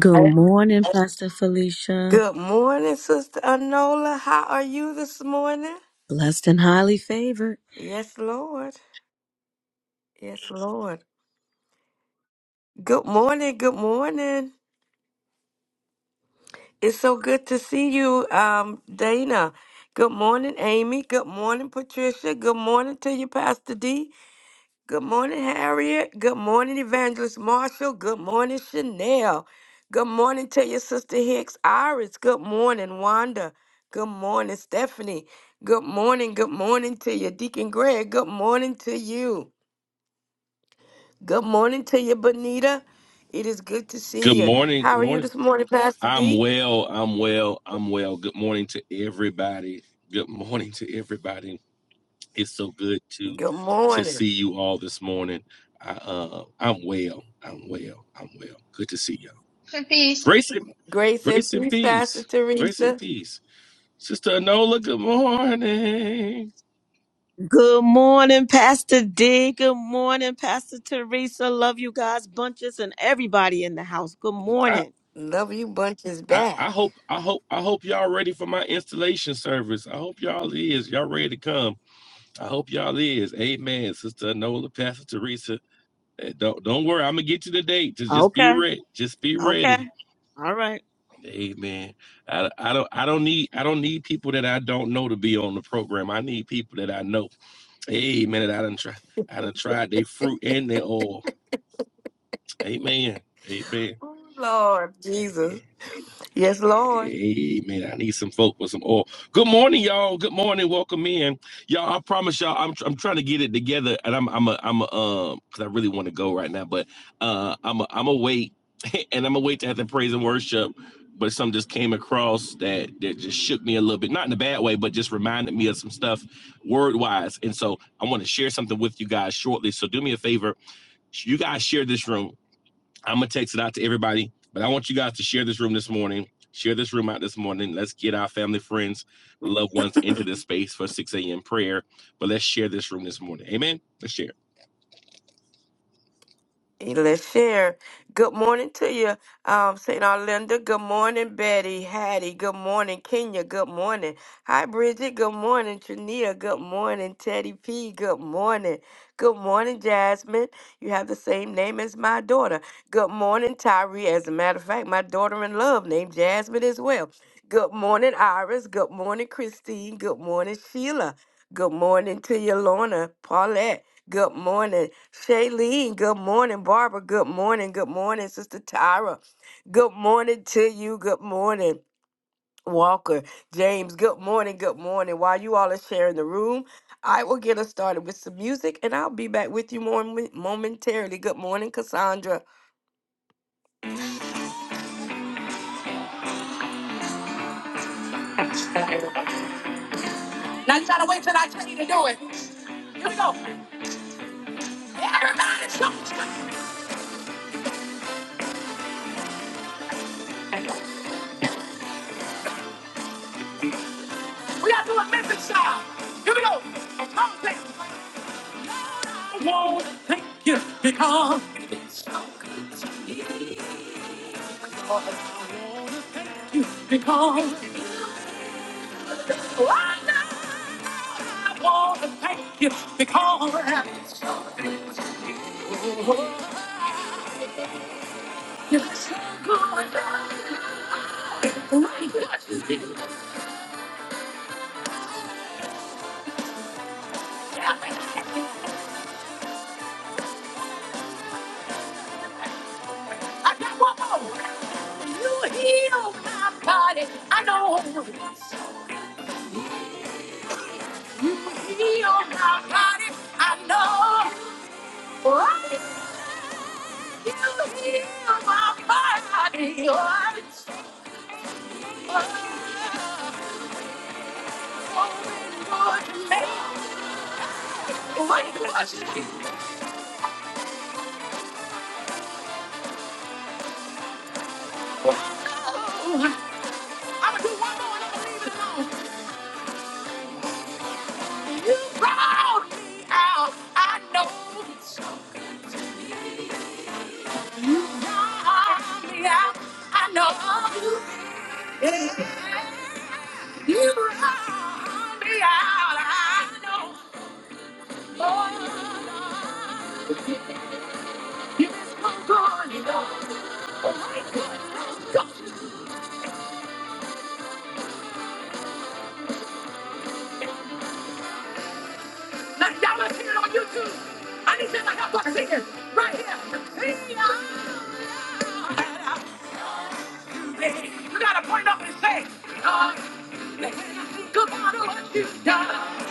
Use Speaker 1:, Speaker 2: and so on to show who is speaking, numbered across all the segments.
Speaker 1: Good morning, Pastor Felicia.
Speaker 2: Good morning, Sister Anola. How are you this morning?
Speaker 1: Blessed and highly favored.
Speaker 2: Yes, Lord. Yes, Lord. Good morning. Good morning. It's so good to see you, um, Dana. Good morning, Amy. Good morning, Patricia. Good morning to you, Pastor D. Good morning, Harriet. Good morning, Evangelist Marshall. Good morning, Chanel. Good morning to your sister Hicks Iris. Good morning, Wanda. Good morning, Stephanie. Good morning. Good morning to your Deacon Greg. Good morning to you. Good morning to you, Bonita. It is good to
Speaker 3: Good
Speaker 2: see you.
Speaker 3: morning.
Speaker 2: How
Speaker 3: Good
Speaker 2: are you
Speaker 3: morning.
Speaker 2: this morning, Pastor
Speaker 3: I'm
Speaker 2: D?
Speaker 3: well. I'm well. I'm well. Good morning to everybody. Good morning to everybody. It's so good to
Speaker 2: Good
Speaker 3: to
Speaker 2: morning.
Speaker 3: see you all this morning. I, uh, I'm well. I'm well. I'm well. Good to see y'all.
Speaker 4: Peace.
Speaker 3: Grace and
Speaker 2: Grace and
Speaker 3: grace and
Speaker 2: peace, Pastor
Speaker 3: peace. Grace and
Speaker 2: Teresa.
Speaker 3: peace. Sister Anola. Good morning.
Speaker 1: Good morning, Pastor D. Good morning, Pastor Teresa. Love you guys, bunches, and everybody in the house. Good
Speaker 3: I,
Speaker 1: morning.
Speaker 2: Love you bunches
Speaker 3: I I
Speaker 2: back.
Speaker 3: hope I hope I hope y'all ready for my installation service. I hope y'all is y'all ready to come. I hope y'all is. Amen. Sister Nola, Pastor Teresa. Eh, Don't don't worry. I'm gonna get you the date. Just just be
Speaker 1: Okay.
Speaker 3: ready. Just be
Speaker 1: Okay.
Speaker 3: ready.
Speaker 1: All right.
Speaker 3: Amen. I, I don't I don't need I don't need people that I don't know to be on the program. I need people that I know. Amen. That I done try I done tried their fruit and their oil. Amen. Amen.
Speaker 2: Oh, Lord Jesus. Yes, Lord.
Speaker 3: Hey man, I need some folk with some oil. Good morning, y'all. Good morning. Welcome in, y'all. I promise y'all, I'm I'm trying to get it together, and I'm I'm a I'm a um because I really want to go right now, but uh I'm a, I'm a wait, and I'm a wait to have the praise and worship. But some just came across that that just shook me a little bit, not in a bad way, but just reminded me of some stuff word wise. And so I want to share something with you guys shortly. So do me a favor, you guys share this room I'm gonna text it out to everybody, but I want you guys to share this room this morning. Share this room out this morning. Let's get our family, friends, loved ones into this space for 6 a.m. prayer. But let's share this room this morning. Amen. Let's share.
Speaker 2: Hey, Let's share. Good morning to you, um, St. Arlinda. Good morning, Betty, Hattie. Good morning, Kenya. Good morning. Hi, Bridget. Good morning, Trania. Good morning, Teddy P. Good morning. Good morning, Jasmine. You have the same name as my daughter. Good morning, Tyree. As a matter of fact, my daughter in love named Jasmine as well. Good morning, Iris. Good morning, Christine. Good morning, Sheila. Good morning to you, Lorna. Paulette, good morning. Shailene, good morning. Barbara, good morning. Good morning, Sister Tyra. Good morning to you. Good morning, Walker. James, good morning. Good morning. While you all are sharing the room, I will get us started with some music and I'll be back with you more momentarily. Good morning, Cassandra. Now you gotta wait till I tell you to do it. Here we go. Everybody, jump. We got to do a message style. Here we go. Come on, I won't thank you because it's been so good to be with you because I know I want to thank you because it's so good to be with you. I got one more. You heal my body. I know. Heal my body. I know. Right? You heal my body. You are the Lord. Hey, what you gonna do? I'ma do one more and I'ma leave it alone. You brought me out. I know you brought me out. I know you did. you brought me out. I know. Oh, Lord, you been so good. You know. Oh, my God. Now, y'all are seeing it on YouTube. I need you to help us sing it right here. Yeah. You gotta point up and say, God, think about what you've done.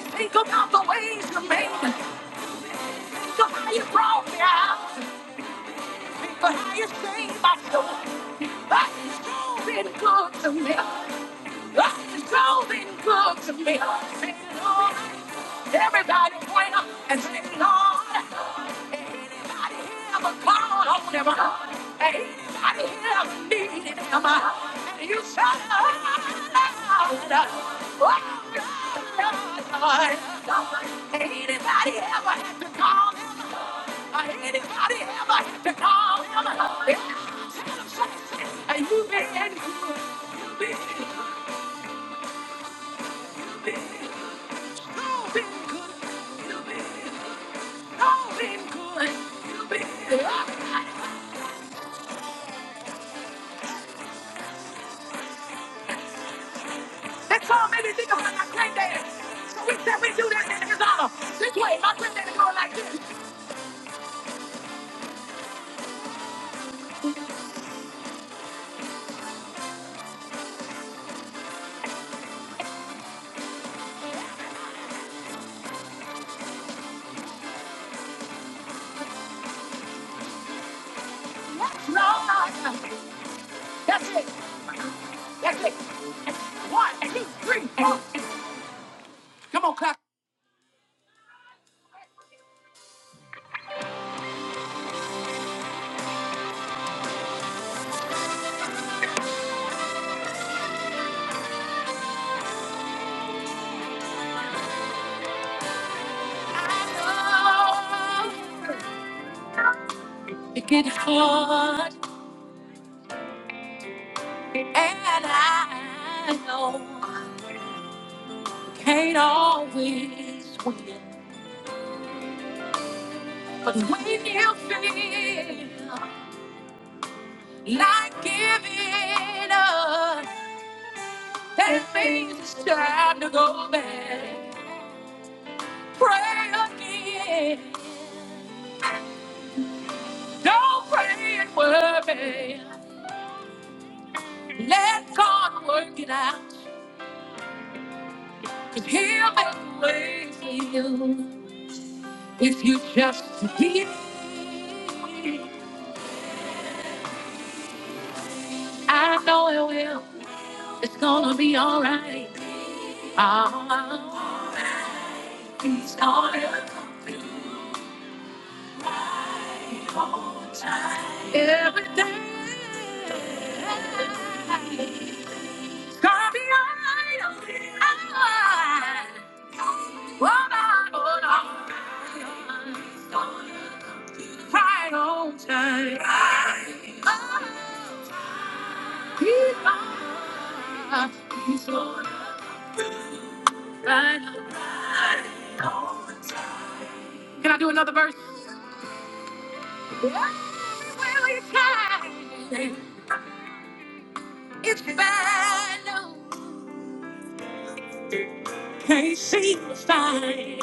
Speaker 2: Think about the ways you made. me. Think of how you brought me out. Think of how you saved my soul. That you've been good to me. God's been good to me. Say, Lord, everybody point up and say, Lord, anybody here ever called on him? Anybody here ever needed him? And you shout, Lord, oh, Lord, Lord. Anybody ever had to call him? Anybody ever had to call him? Yeah. And you've been good. You've been good. you've been good. Oh, Oh, That's all many think about my granddaddy. So we said we do this in his honor. This way, my granddaddy going like this. No, no, no. That's it. That's it. One, two, three. Come on, clap. I know it get hard, and I know can't always win. But when you feel like giving up, that means it's time to go back. Pray again. Don't pray and worry. Let God work it out. Cause he'll make a way for you. If you just believe, I know it will. It's gonna be alright. Ah, he's gonna come through. Every day. gonna be alright. One by one, on. right on time. Right. He's gonna right on. Can I do another verse? It's bad. Can't see the sign.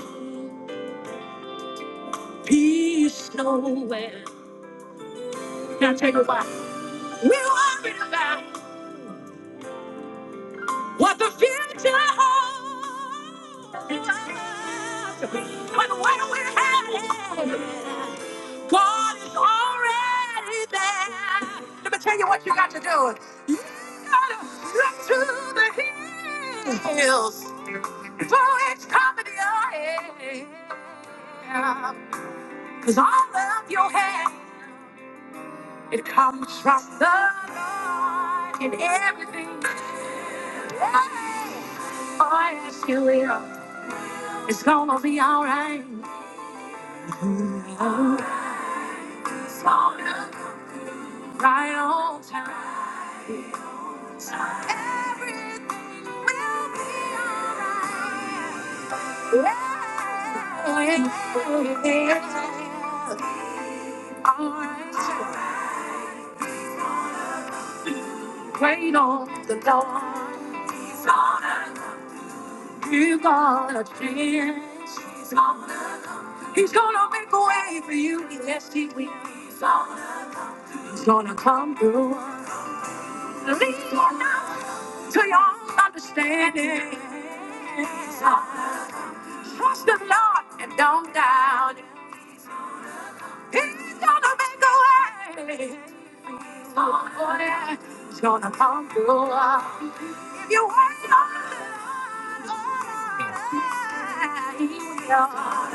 Speaker 2: peace nowhere. Can I tell you why? We're worried about what the future holds. But where we're headed, God is already there. Let me tell you what you got to do. You gotta look to the hills for it's coming your head. Cause all of your help, it comes from the in everything I ask you will. It's gonna be alright. Oh, it's gonna be right on time. So, yeah, yeah. Alright, so wait on the Lord. You gotta chance. He's gonna come. He's gonna make a way for you. Yes, he will. He's gonna come. He's gonna come through. Lean not to your own understanding. He's gonna come. Trust the Lord and don't doubt. He's gonna make a way. He's gonna come. He's gonna come through. If you wait on the Lord, oh, yeah, he will.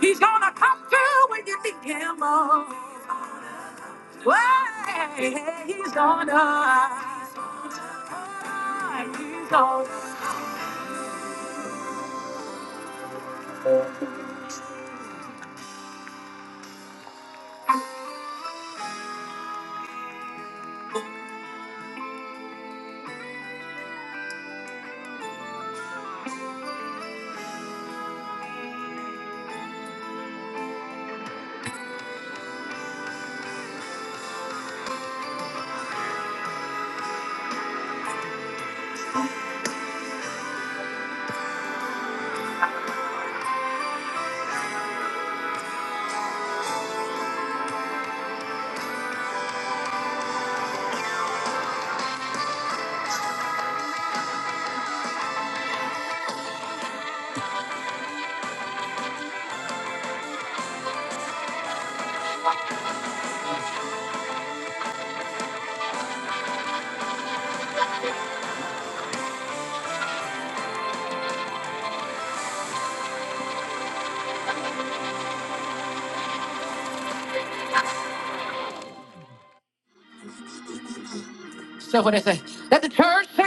Speaker 2: He's gonna come through when you need him most. Way he's gonna. He's gonna. So what they say? Let the church say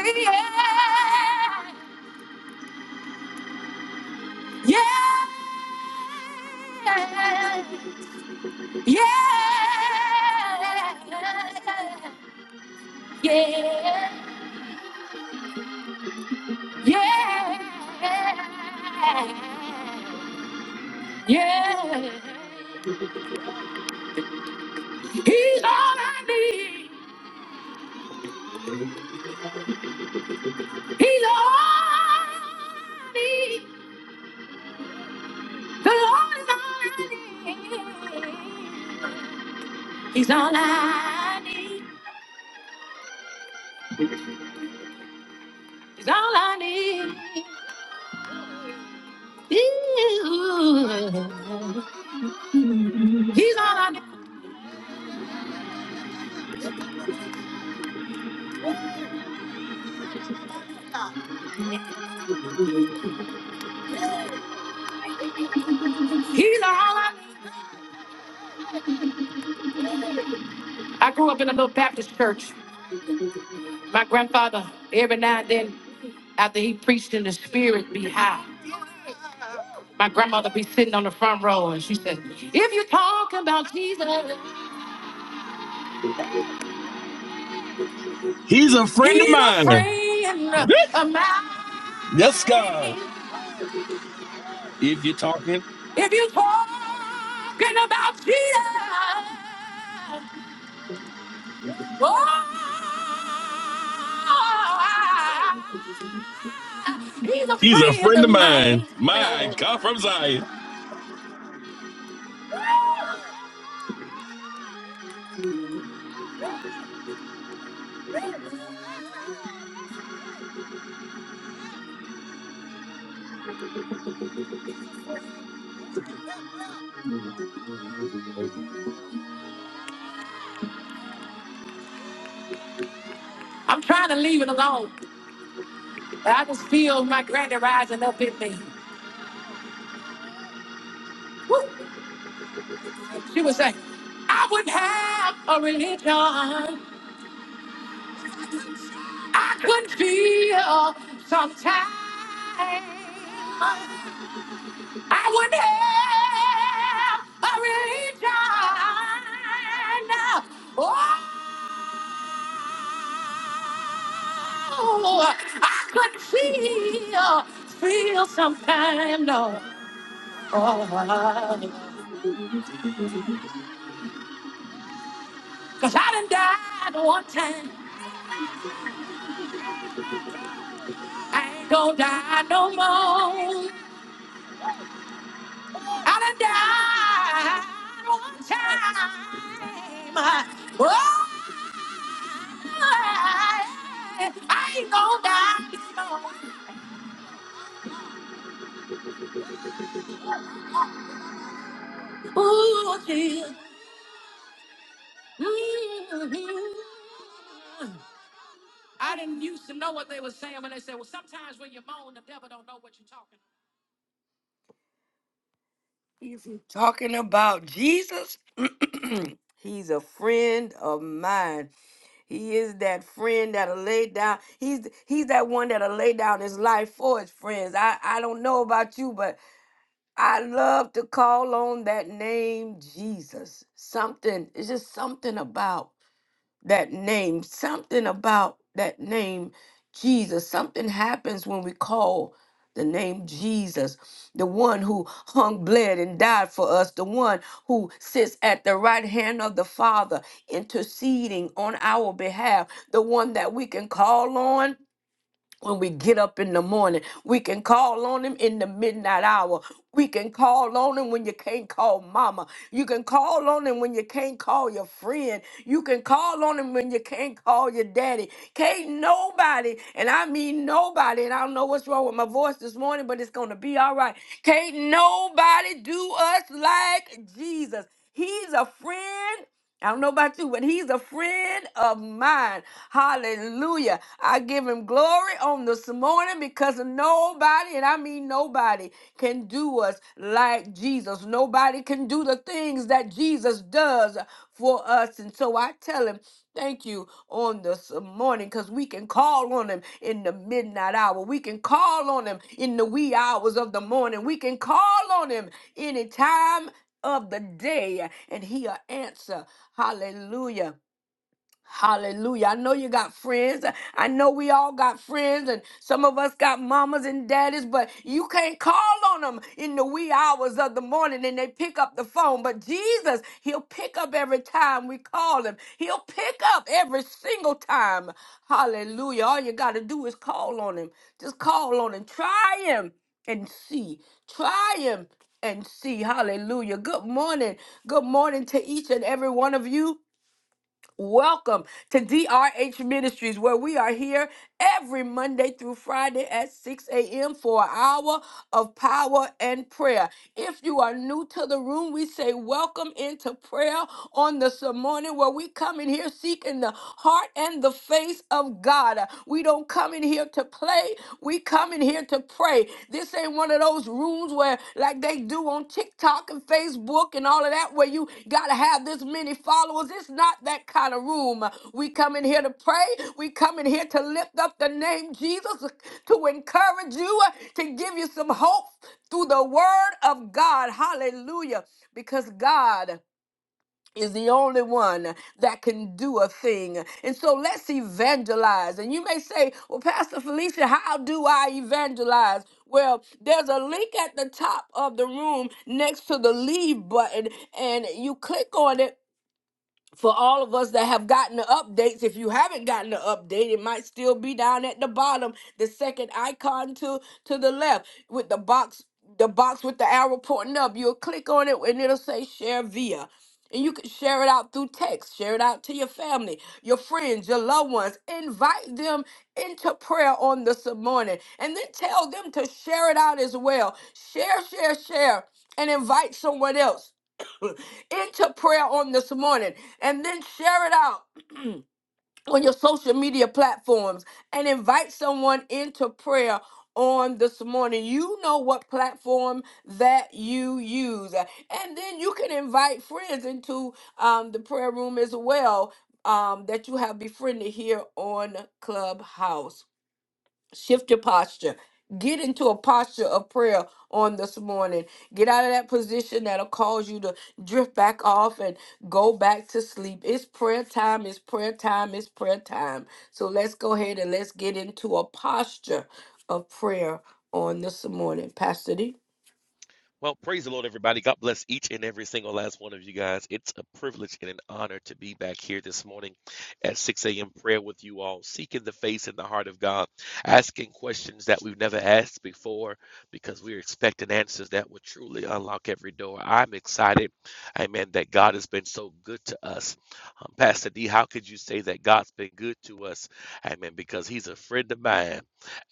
Speaker 2: yeah, yeah, yeah, yeah, yeah, yeah. He's all I need. He's all I need. The Lord is all I need. He's all I need. He's all I need. Ooh. He's all I need. He's all I need. I grew up in a little Baptist church. My grandfather, every now and then, after he preached in the spirit, be high. My grandmother be sitting on the front row and she said, If you're talking about Jesus,
Speaker 3: He's a friend of
Speaker 2: he's a
Speaker 3: mine.
Speaker 2: friend of mine.
Speaker 3: Yes, God. If you're talking,
Speaker 2: If you're talking about Jesus, Oh, he's a
Speaker 3: he's a
Speaker 2: friend
Speaker 3: friend of
Speaker 2: of mine.
Speaker 3: mine. My God from Zion.
Speaker 2: I'm trying to leave it alone, but I just feel my granny rising up in me. Woo. She would say, I wouldn't have a religion. I couldn't feel sometimes. I wouldn't have a religion. Oh. Oh, I could feel, feel sometime, no. Oh, Cause I done died one time. I ain't gonna die no more. I done died one time. Oh, I ain't gonna die no more. Ooh, yeah. Mhm. I didn't used to know what they were saying when they said, well, sometimes when you moan, the devil don't know what you're talking about. talking about Jesus. He's a friend of mine. He is that friend that'll lay down. He's he's that one that'll lay down his life for his friends. I, I don't know about you, but I love to call on that name Jesus. Something, it's just something about that name, something about that name, Jesus. Something happens when we call the name Jesus, the one who hung, bled, and died for us, the one who sits at the right hand of the Father, interceding on our behalf, the one that we can call on when we get up in the morning. We can call on him in the midnight hour. We can call on him when you can't call mama. You can call on him when you can't call your friend. You can call on him when you can't call your daddy. Can't nobody, and I mean nobody, and I don't know what's wrong with my voice this morning, but it's going to be all right. Can't nobody do us like Jesus. He's a friend I don't know about you, but he's a friend of mine. Hallelujah. I give him glory on this morning because nobody, and I mean nobody, can do us like Jesus. Nobody can do the things that Jesus does for us. And so I tell him, thank you on this morning because we can call on him in the midnight hour. We can call on him in the wee hours of the morning. We can call on him anytime of the day, and he'll answer. Hallelujah. Hallelujah. I know you got friends. I know we all got friends, and some of us got mamas and daddies, but you can't call on them in the wee hours of the morning and they pick up the phone. But Jesus, He'll pick up every time we call Him, He'll pick up every single time. Hallelujah. All you got to do is call on Him. Just call on Him. Try Him and see. Try Him and see. Hallelujah. Good morning. Good morning to each and every one of you. Welcome to DRH Ministries, where we are here every Monday through Friday at 6 a.m. for an hour of power and prayer. If you are new to the room, we say welcome into prayer on this morning, where we come in here seeking the heart and the face of God. We don't come in here to play, we come in here here to pray. This ain't one of those rooms where, like they do on TikTok and Facebook and all of that, where you got to have this many followers. It's not that kind of room. We come in here to pray. We come in here to lift up the name Jesus, to encourage you, to give you some hope through the word of God. Hallelujah. Because God is the only one that can do a thing. And so let's evangelize. And you may say, well, Pastor Felicia, how do I evangelize? Well, there's a link at the top of the room next to the leave button, and you click on it for all of us that have gotten the updates, if you haven't gotten the update, it might still be down at the bottom, the second icon to to the left with the box, the box with the arrow pointing up. You'll click on it and it'll say share via. And you can share it out through text, share it out to your family, your friends, your loved ones. Invite them into prayer on this morning. And then tell them to share it out as well. Share, share, share, and invite someone else into prayer on this morning and then share it out on your social media platforms and invite someone into prayer on this morning. You know what platform that you use. And then you can invite friends into um, the prayer room as well um, that you have befriended here on Clubhouse. Shift your posture. Get into a posture of prayer on this morning. Get out of that position that'll cause you to drift back off and go back to sleep. It's prayer time, it's prayer time, it's prayer time. So let's go ahead and let's get into a posture of prayer on this morning. Pastor D.
Speaker 3: Well, and I'll be back morning at 6 a.m. prayer with you all, seeking the face and the heart of God, asking questions before, because we're expecting that which unlock every door. I connected. Amen. That God has been so good to us. Um, Pastor D, how could you say that God's been good to us? Amen. Because he's a friend of mine.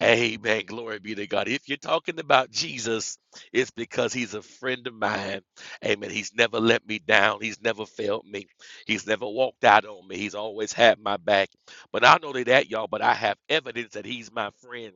Speaker 3: Amen. Glory be to God. If you're talking about Jesus, it's because he's a friend of mine. Amen. He's never let me down. He's never failed me. He's never walked out on me. He's always had my back. But not only that, y'all, but I have evidence that he's my friend.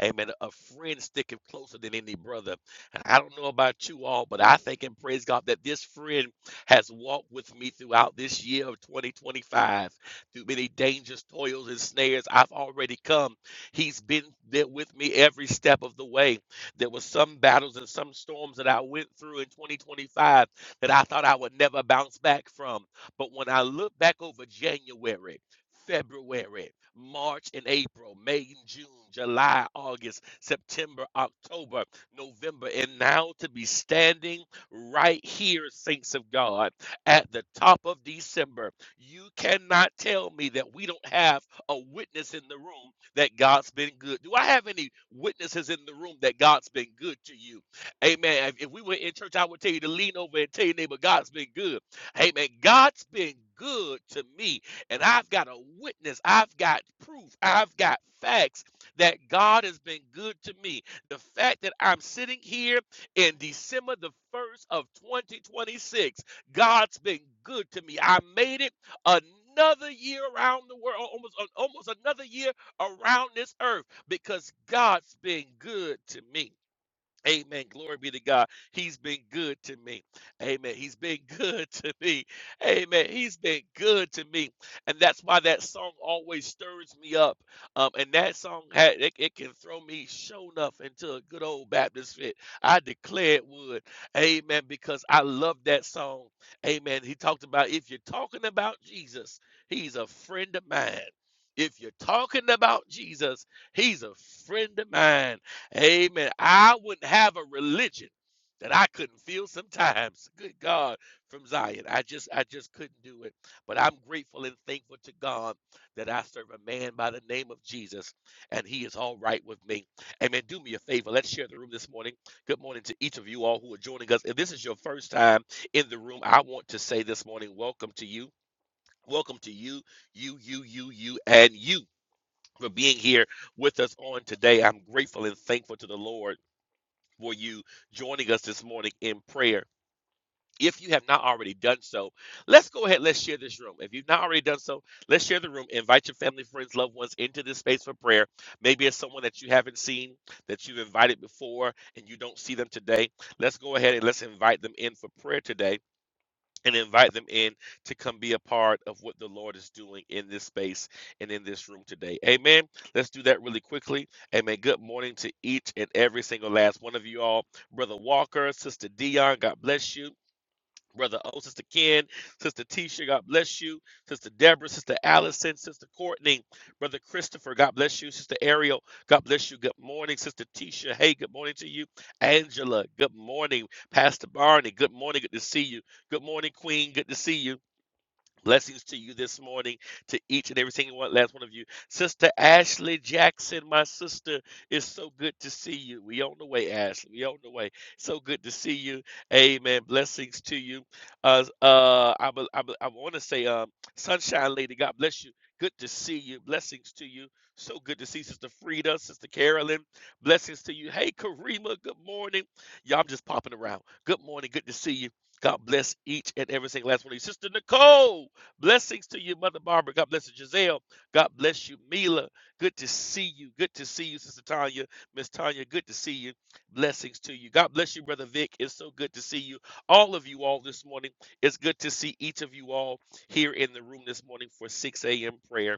Speaker 3: Amen. A friend sticking closer than any brother. And I don't know about you all, but I think and praise God that this friend has walked with me throughout this year of 2025 through many dangers, toils, and snares. I've already come. He's been there with me every step of the way. There were some battles and some storms that I went through in 2025 that I thought I would never bounce back from. But when I look back over January, February, March and April, May and June, July, August, September, October, November, and now to be standing right here, saints of God, at the top of December. You cannot tell me that we don't have a witness in the room that God's been good. Do I have any witnesses in the room that God's been good to you? Amen. If if we were in church, I would tell you to lean over and tell your neighbor, God's been good. Amen. God's been good to me and I've got a witness, I've got proof, I've got facts that God has been good to me. The fact that I'm sitting here in December the 1st of 2026, God's been good to me. I made it a another year around the world, almost almost another year around this earth because God's been good to me. Amen. Glory be to God. He's been good to me. Amen. He's been good to me. Amen. He's been good to me. And that's why that song always stirs me up. Um, and that song, had, it, it can throw me show enough into a good old Baptist fit. I declare it would. Amen. Because I love that song. Amen. He talked about if you're talking about Jesus, he's a friend of mine. If you're talking about Jesus, he's a friend of mine. Amen. I wouldn't have a religion that I couldn't feel sometimes. Good God from Zion. I just I just couldn't do it. But I'm grateful and thankful to God that I serve a man by the name of Jesus and he is all right with me. Amen. Do me a favor. Let's share the room this morning. Good morning to each of you all who are joining us. If this is your first time in the room, I want to say this morning, welcome to you. Welcome to you, you, you, you, you, and you for being here with us on today. I'm grateful and thankful to the Lord for you joining us this morning in prayer. If you have not already done so, let's go ahead. Let's share this room. If you've not already done so, let's share the room. Invite your family, friends, loved ones into this space for prayer. Maybe it's someone that you haven't seen, that you've invited before, and you don't see them today. Let's go ahead and let's invite them in for prayer today and invite them in to come be a part of what the Lord is doing in this space and in this room today. Amen. Let's do that really quickly. Amen. Good morning to each and every single last one of you all. Brother Walker, Sister Dion, God bless you. Brother O, Sister Ken, Sister Tisha, God bless you. Sister Deborah, Sister Allison, Sister Courtney, Brother Christopher, God bless you. Sister Ariel, God bless you. Good morning, Sister Tisha. Hey, good morning to you. Angela, good morning. Pastor Barney, good morning. Good to see you. Good morning, Queen. Good to see you. Blessings to you this morning, to each and every single one, last one of you. Sister Ashley Jackson, my sister, it's so good to see you. We on the way, Ashley. We on the way. So good to see you. Amen. Blessings to you. Uh, uh, I, be- I, be- I want to say, um, Sunshine Lady, God bless you. Good to see you. Blessings to you. So good to see Sister Frida, Sister Carolyn. Blessings to you. Hey, Karima, good morning. Y'all, I'm just popping around. Good morning. Good to see you. God bless each and every single last one of you. Sister Nicole. Blessings to you, Mother Barbara. God bless you, Giselle. God bless you, Mila. Good to see you. Good to see you, Sister Tanya. Miss Tanya, good to see you. Blessings to you. God bless you, Brother Vic. It's so good to see you. All of you all this morning. It's good to see each of you all here in the room this morning for 6 a.m. prayer.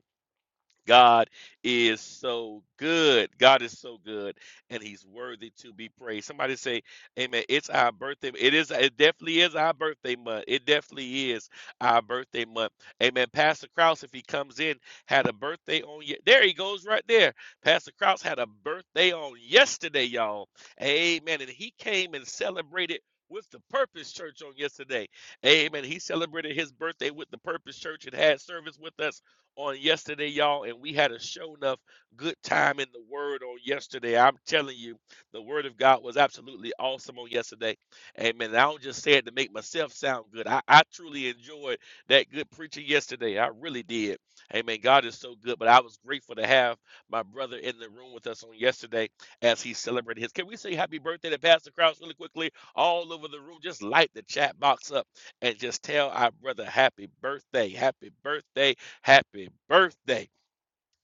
Speaker 3: God is so good. God is so good, and He's worthy to be praised. Somebody say, "Amen." It's our birthday. It is. It definitely is our birthday month. It definitely is our birthday month. Amen. Pastor Krause, if he comes in, had a birthday on. Ye- there he goes, right there. Pastor Krause had a birthday on yesterday, y'all. Amen. And he came and celebrated. With the Purpose Church on yesterday. Amen. He celebrated his birthday with the Purpose Church and had service with us on yesterday, y'all, and we had a show enough good time in the Word on yesterday. I'm telling you, the Word of God was absolutely awesome on yesterday. Amen. And I don't just say it to make myself sound good. I, I truly enjoyed that good preaching yesterday. I really did. Amen. God is so good, but I was grateful to have my brother in the room with us on yesterday as he celebrated his. Can we say happy birthday to Pastor Krause really quickly all over the room? Just light the chat box up and just tell our brother happy birthday, happy birthday Happy birthday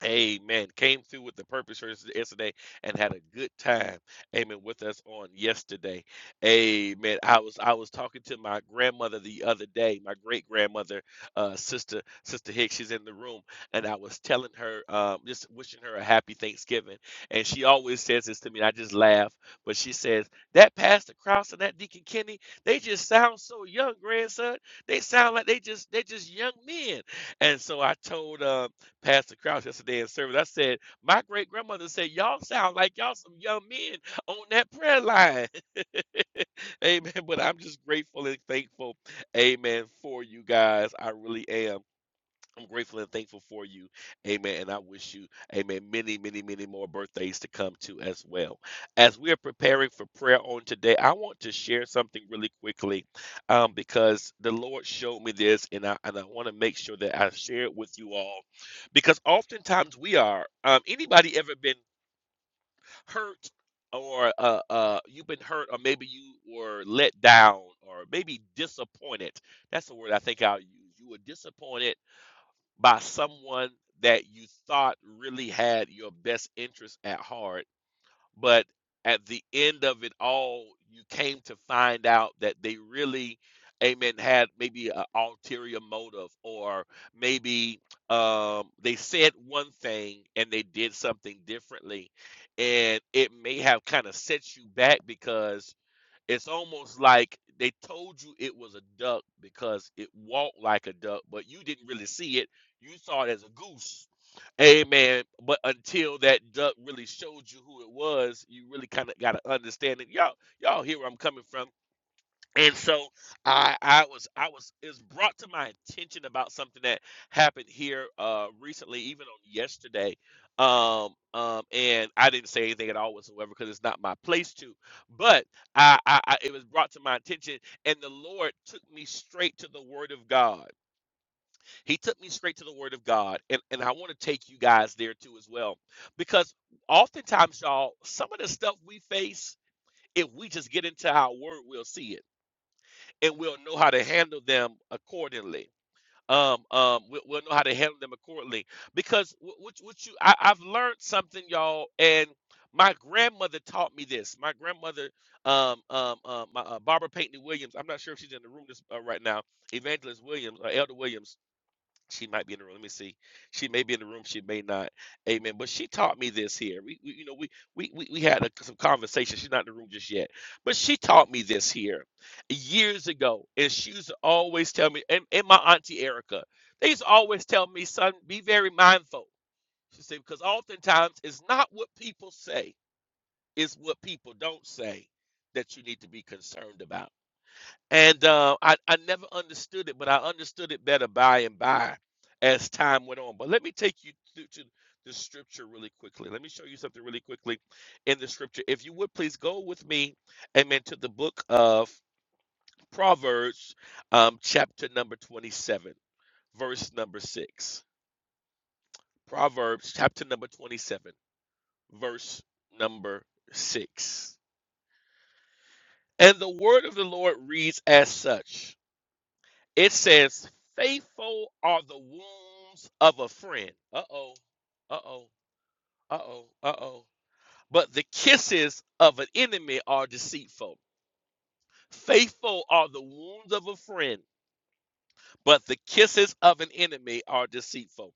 Speaker 3: Amen. Came through with the purpose for yesterday and had a good time. Amen. With us on yesterday. Amen. I was I was talking to my grandmother the other day, my great grandmother, uh, sister Sister Hicks. She's in the room, and I was telling her, um, just wishing her a happy Thanksgiving. And she always says this to me, and I just laugh. But she says that Pastor Krause and that Deacon Kenny, they just sound so young, grandson. They sound like they just they just young men. And so I told um Pastor Crouch, yesterday in service. I said, my great grandmother said, y'all sound like y'all some young men on that prayer line. Amen. But I'm just grateful and thankful. Amen. For you guys. I really am. I'm gr- thankful for you. Amen. And I wish you, amen, many, many, many more birthdays to come to as well. As we are preparing for prayer on today, I want to share something really quickly um, because the Lord showed me this and I, and I want to make sure that I share it with you all because oftentimes we are um, anybody ever been hurt or uh, uh, you've been hurt or maybe you were let down or maybe disappointed that's the word i think i'll use you were disappointed by someone that you thought really had your best interest at heart but at the end of it all you came to find out that they really amen had maybe an ulterior motive or maybe um, they said one thing and they did something differently and it may have kind of set you back because it's almost like they told you it was a duck because it walked like a duck, but you didn't really see it. You saw it as a goose. Amen. But until that duck really showed you who it was, you really kind of got to understand it. Y'all, y'all hear where I'm coming from and so I I was I was it was brought to my attention about something that happened here uh recently, even on yesterday. Um um and I didn't say anything at all whatsoever because it's not my place to. But I, I I it was brought to my attention and the Lord took me straight to the word of God. He took me straight to the word of God and, and I want to take you guys there too as well. Because oftentimes y'all some of the stuff we face if we just get into our word, we'll see it and we'll know how to handle them accordingly. Um, um, we, we'll know how to handle them accordingly because what, you- what you, I, I've learned something, y'all, and my grandmother taught me this. My grandmother, um, um, um, uh, Barbara Payton Williams. I'm not sure if she's in the room this, uh, right now. Evangelist Williams, or Elder Williams she might be in the room. Let me see. She may be in the room. She may not. Amen. But she taught me this here. We, we you know, we we we, we had a, some conversation. She's not in the room just yet, but she taught me this here years ago, and she used to always tell me. And, and my auntie Erica, they used to always tell me, son, be very mindful. She said because oftentimes it's not what people say, it's what people don't say that you need to be concerned about. And uh, I, I never understood it, but I understood it better by and by as time went on. But let me take you to, to the scripture really quickly. Let me show you something really quickly in the scripture. If you would please go with me, amen, to the book of Proverbs, um, chapter number 27, verse number 6. Proverbs, chapter number 27, verse number 6. And the word of the Lord reads as such. It says, Faithful are the wounds of a friend. Uh oh, uh oh, uh oh, uh oh. But the kisses of an enemy are deceitful. Faithful are the wounds of a friend, but the kisses of an enemy are deceitful.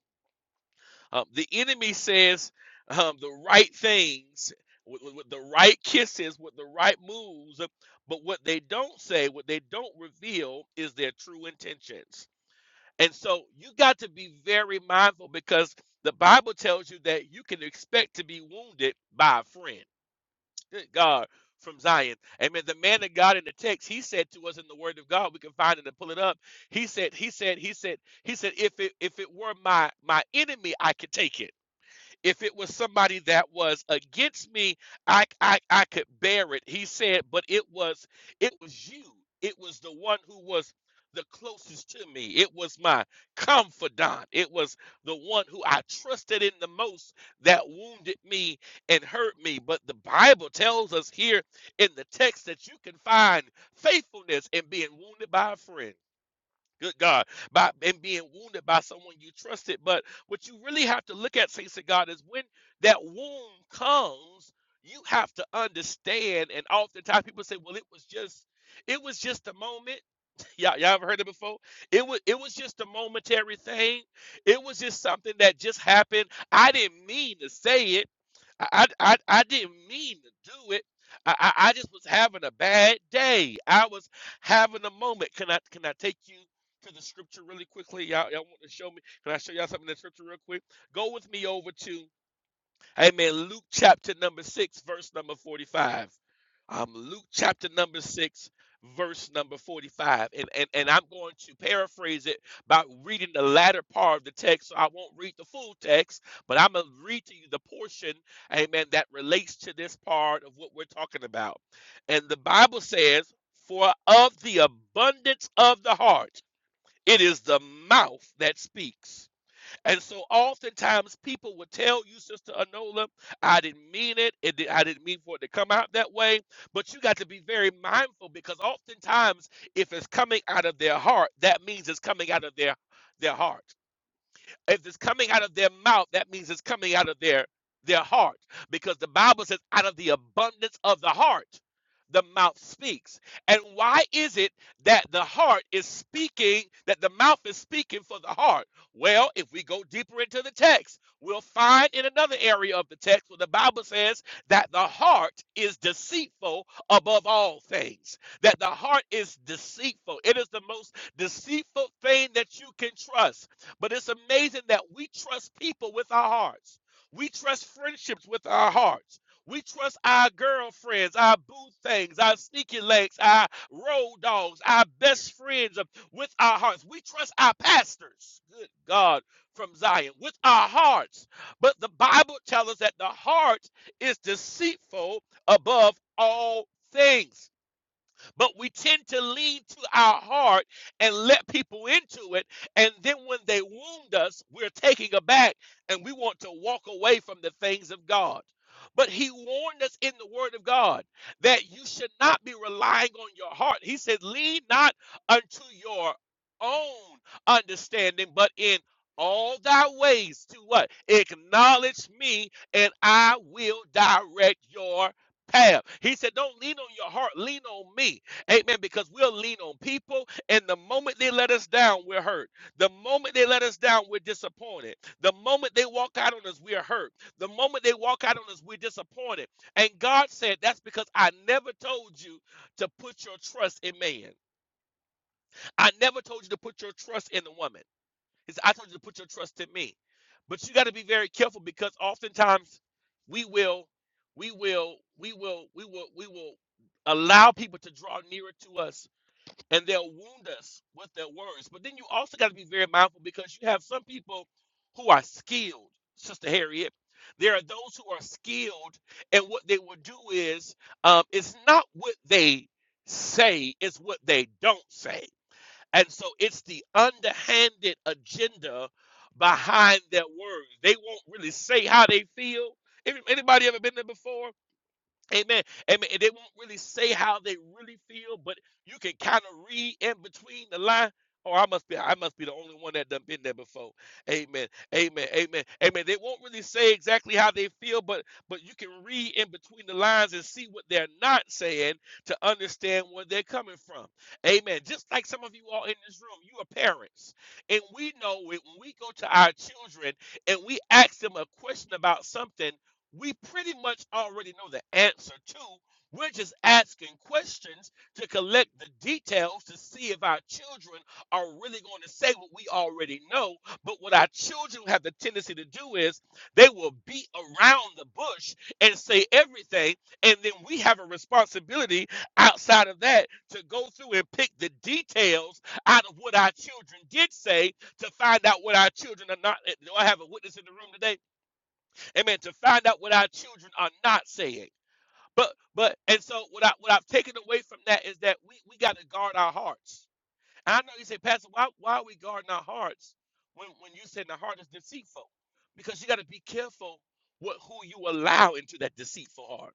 Speaker 3: Um, the enemy says um, the right things with, with- with the right kisses, with the right moves, but what they don't say, what they don't reveal is their true intentions And so you got to be very mindful because the Bible tells you that you can expect to be wounded by a friend. Good God from Zion. Amen. The man of God in the text, he said to us in the word of God, we can find it and pull it up. He said, he said, he said, he said, if it if it were my my enemy, I could take it. If it was somebody that was against me, I, I I could bear it. He said, but it was it was you. It was the one who was the closest to me. It was my confidant. It was the one who I trusted in the most that wounded me and hurt me. But the Bible tells us here in the text that you can find faithfulness in being wounded by a friend good God, by and being wounded by someone you trusted. But what you really have to look at, saints of God, is when that wound comes, you have to understand. And oftentimes people say, "Well, it was just, it was just a moment." y'all, y'all ever heard that before? It was it was just a momentary thing. It was just something that just happened. I didn't mean to say it. I I, I didn't mean to do it. I, I I just was having a bad day. I was having a moment. Can I can I take you to the scripture really quickly? Y'all y'all want to show me? Can I show y'all something in the scripture real quick? Go with me over to Amen. Luke chapter number 6, verse number 45. Um, Luke chapter number 6, verse number 45. And, and, and I'm going to paraphrase it by reading the latter part of the text. So I won't read the full text, but I'm going to read to you the portion, amen, that relates to this part of what we're talking about. And the Bible says, For of the abundance of the heart, it is the mouth that speaks. And so oftentimes people would tell you, Sister Anola, I didn't mean it. it di- I didn't mean for it to come out that way. But you got to be very mindful because oftentimes if it's coming out of their heart, that means it's coming out of their, their heart. If it's coming out of their mouth, that means it's coming out of their their heart because the Bible says out of the abundance of the heart the mouth speaks. And why is it that the heart is speaking that the mouth is speaking for the heart? Well, if we go deeper into the text, we'll find in another area of the text where the Bible says that the heart is deceitful above all things. That the heart is deceitful. It is the most deceitful thing that you can trust but it's amazing that we trust people with our hearts. We trust friendships with our hearts. We trust our girlfriends, our boo things, our sneaky legs, our road dogs, our best friends with our hearts. We trust our pastors, good God, from Zion, with our hearts. But the Bible tells us that the heart is deceitful above all things but we tend to lean to our heart and let people into it. And then when they wound us, we're taking aback and we want to walk away from the things of God. But he warned us in the word of God that you should not be relying on your heart. He said, lean not unto your own understanding, but in all thy ways to what? Acknowledge me, and I will direct your path. He said, Don't lean on your heart, lean on me. Amen. Because we'll lean on people, and the moment they let us down, we're hurt. The moment they let us down, we're disappointed. The moment they walk out on us, we're hurt. The moment they walk out on us, we're disappointed. And God said, That's because I never told you to put your trust in man. I never told you to put your trust in the woman. He said, I told you to put your trust in me. But you got to be very careful because oftentimes we will, we will, we will, we will, we will allow people to draw nearer to us and they'll wound us with their words. But then you also got to be very mindful because you have some people who are skilled, Sister Harriet. There are those who are skilled, and what they will do is, um, it's not what they say, it's what they don't say. And so it's the underhanded agenda behind their words. They won't really say how they feel. If Anybody ever been there before? Amen. Amen. And they won't really say how they really feel, but you can kind of read in between the line. Oh, I must be I must be the only one that done been there before. Amen. Amen. Amen. Amen. They won't really say exactly how they feel, but but you can read in between the lines and see what they're not saying to understand where they're coming from. Amen. Just like some of you all in this room, you are parents. And we know it when we go to our children and we ask them a question about something we pretty much already know the answer to. We're just asking questions to collect the details to see if our children are really going to say what we already know. But what our children have the tendency to do is they will beat around the bush and say everything. And then we have a responsibility outside of that to go through and pick the details out of what our children did say to find out what our children are not. Do I have a witness in the room today? Amen. To find out what our children are not saying. But but and so what I what I've taken away from that is that we, we got to guard our hearts. And I know you say, Pastor, why why are we guarding our hearts when, when you said the heart is deceitful? Because you got to be careful what who you allow into that deceitful heart.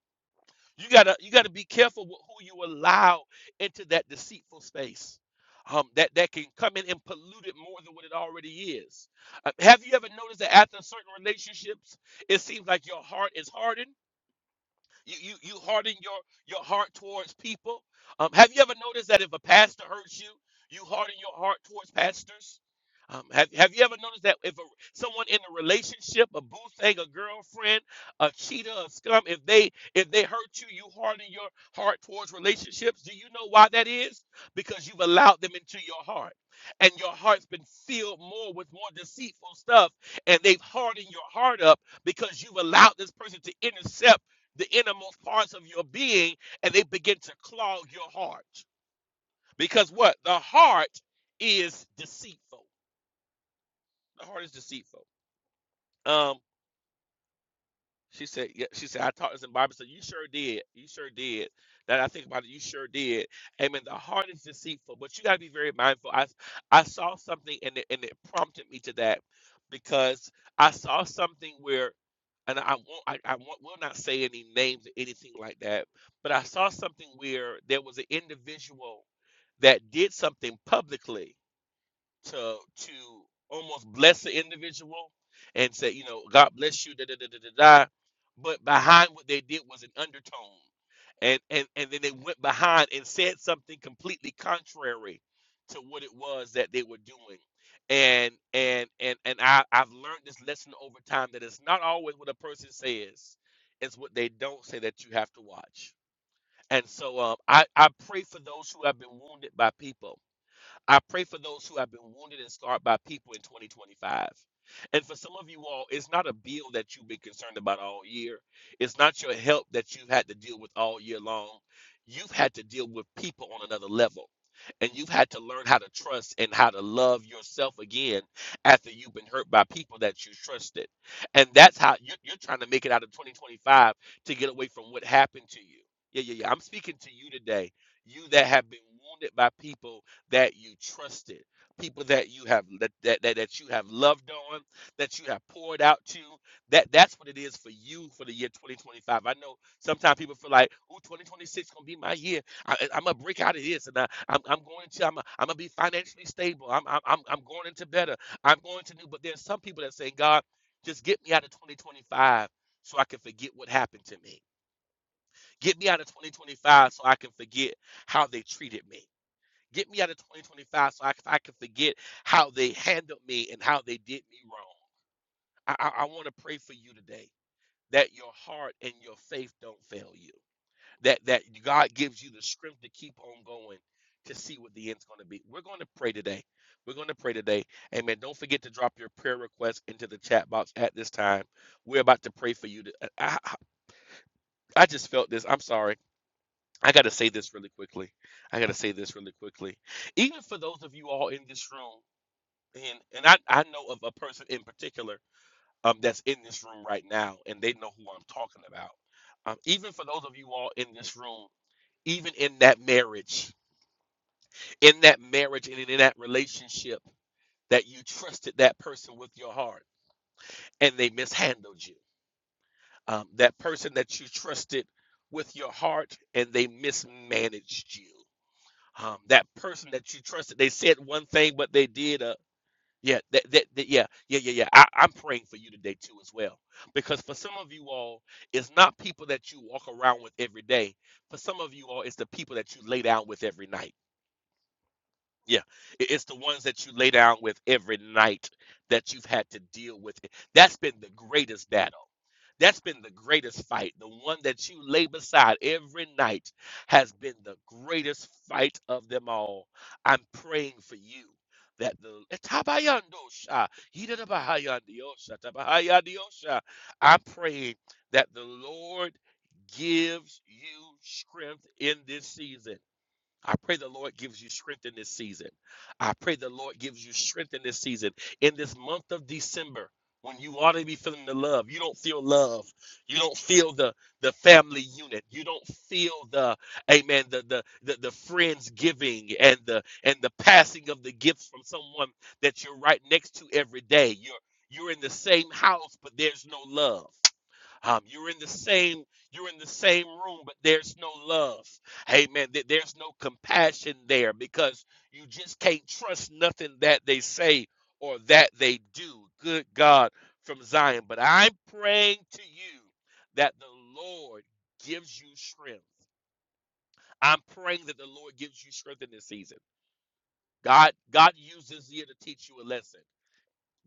Speaker 3: You gotta you gotta be careful with who you allow into that deceitful space. Um, that that can come in and pollute it more than what it already is. Uh, have you ever noticed that after certain relationships, it seems like your heart is hardened? You you you harden your your heart towards people. Um, have you ever noticed that if a pastor hurts you, you harden your heart towards pastors? Um, have have you ever noticed that if a, someone in a relationship, a boo thing, a girlfriend, a cheater, a scum, if they if they hurt you, you harden your heart towards relationships? Do you know why that is? Because you've allowed them into your heart, and your heart's been filled more with more deceitful stuff, and they've hardened your heart up because you've allowed this person to intercept the innermost parts of your being and they begin to clog your heart. Because what? The heart is deceitful. The heart is deceitful. Um, She said, yeah, she said, I taught this in Bible said, You sure did. You sure did. That I think about it, you sure did. Amen. The heart is deceitful, but you gotta be very mindful. I I saw something and it and it prompted me to that because I saw something where and I won't I, I won't, will not say any names or anything like that, but I saw something where there was an individual that did something publicly to to almost bless the individual and say, you know, God bless you, da da da da da da. But behind what they did was an undertone, and and and then they went behind and said something completely contrary to what it was that they were doing. And and and and I I've learned this lesson over time that it's not always what a person says, it's what they don't say that you have to watch. And so um, I I pray for those who have been wounded by people I pray for those who have been wounded and scarred by people in 2025. And for some of you all, it's not a bill that you've been concerned about all year. It's not your help that you've had to deal with all year long. You've had to deal with people on another level. And you've had to learn how to trust and how to love yourself again after you've been hurt by people that you trusted. And that's how you're, you're trying to make it out of 2025 to get away from what happened to you. Yeah, yeah, yeah. I'm speaking to you today. You that have been wounded by people that you trusted, people that you have that, that that that you have loved on, that you have poured out to. That that's what it is for you for the year 2025. I know sometimes people feel like, "Ooh, 2026 gonna be my year. I, I'm gonna break out of this, and I, I'm I'm going to I'm, I'm gonna be financially stable. I'm I'm I'm I'm going into better. I'm going to new." But there's some people that say, "God, just get me out of 2025." So I can forget what happened to me. Get me out of 2025 so I can forget how they treated me Get me out of 2025 so I I can forget how they handled me and how they did me wrong. I, I, I want to pray for you today that your heart and your faith don't fail you. That that God gives you the strength to keep on going to see what the end's going to be. We're going to pray today. We're going to pray today. Amen. Don't forget to drop your prayer request into the chat box at this time. We're about to pray for you. To, uh, I, I I just felt this. I'm sorry. I got to say this really quickly. I got to say this really quickly. Even for those of you all in this room and and I, I know of a person in particular um that's in this room right now and they know who I'm talking about. Um, even for those of you all in this room, even in that marriage, in that marriage and in that relationship that you trusted that person with your heart and they mishandled you. Um, that person that you trusted with your heart and they mismanaged you. Um, that person that you trusted, they said one thing, but they did a Yeah, that, that, that- yeah, yeah, yeah, yeah. I, I'm praying for you today too, as well, because for some of you all, it's not people that you walk around with every day. For some of you all, it's the people that you lay down with every night. Yeah, it- it's the ones that you lay down with every night that you've had to deal with. That's been the greatest battle. That's been the greatest fight. The one that you lay beside every night has been the greatest fight of them all. I'm praying for you that the Etabayandosha, Hidabahayandiosha, Tabahayandiosha. I'm praying that the Lord gives you strength in this season. I pray the Lord gives you strength in this season. I pray the Lord gives you strength in this season. In this month of December, when you ought to be feeling the love, you don't feel love. You don't feel the the family unit. You don't feel the amen, the the the, the friends giving and the and the passing of the gifts from someone that you're right next to every day. You're you're in the same house, but there's no love. Um, you're in the same you're in the same room, but there's no love. Amen. There- There's no compassion there because you just can't trust nothing that they say or that they do. Good God from Zion. But I'm praying to you that the Lord gives you strength. I'm praying that the Lord gives you strength in this season. God, God used this year to teach you a lesson.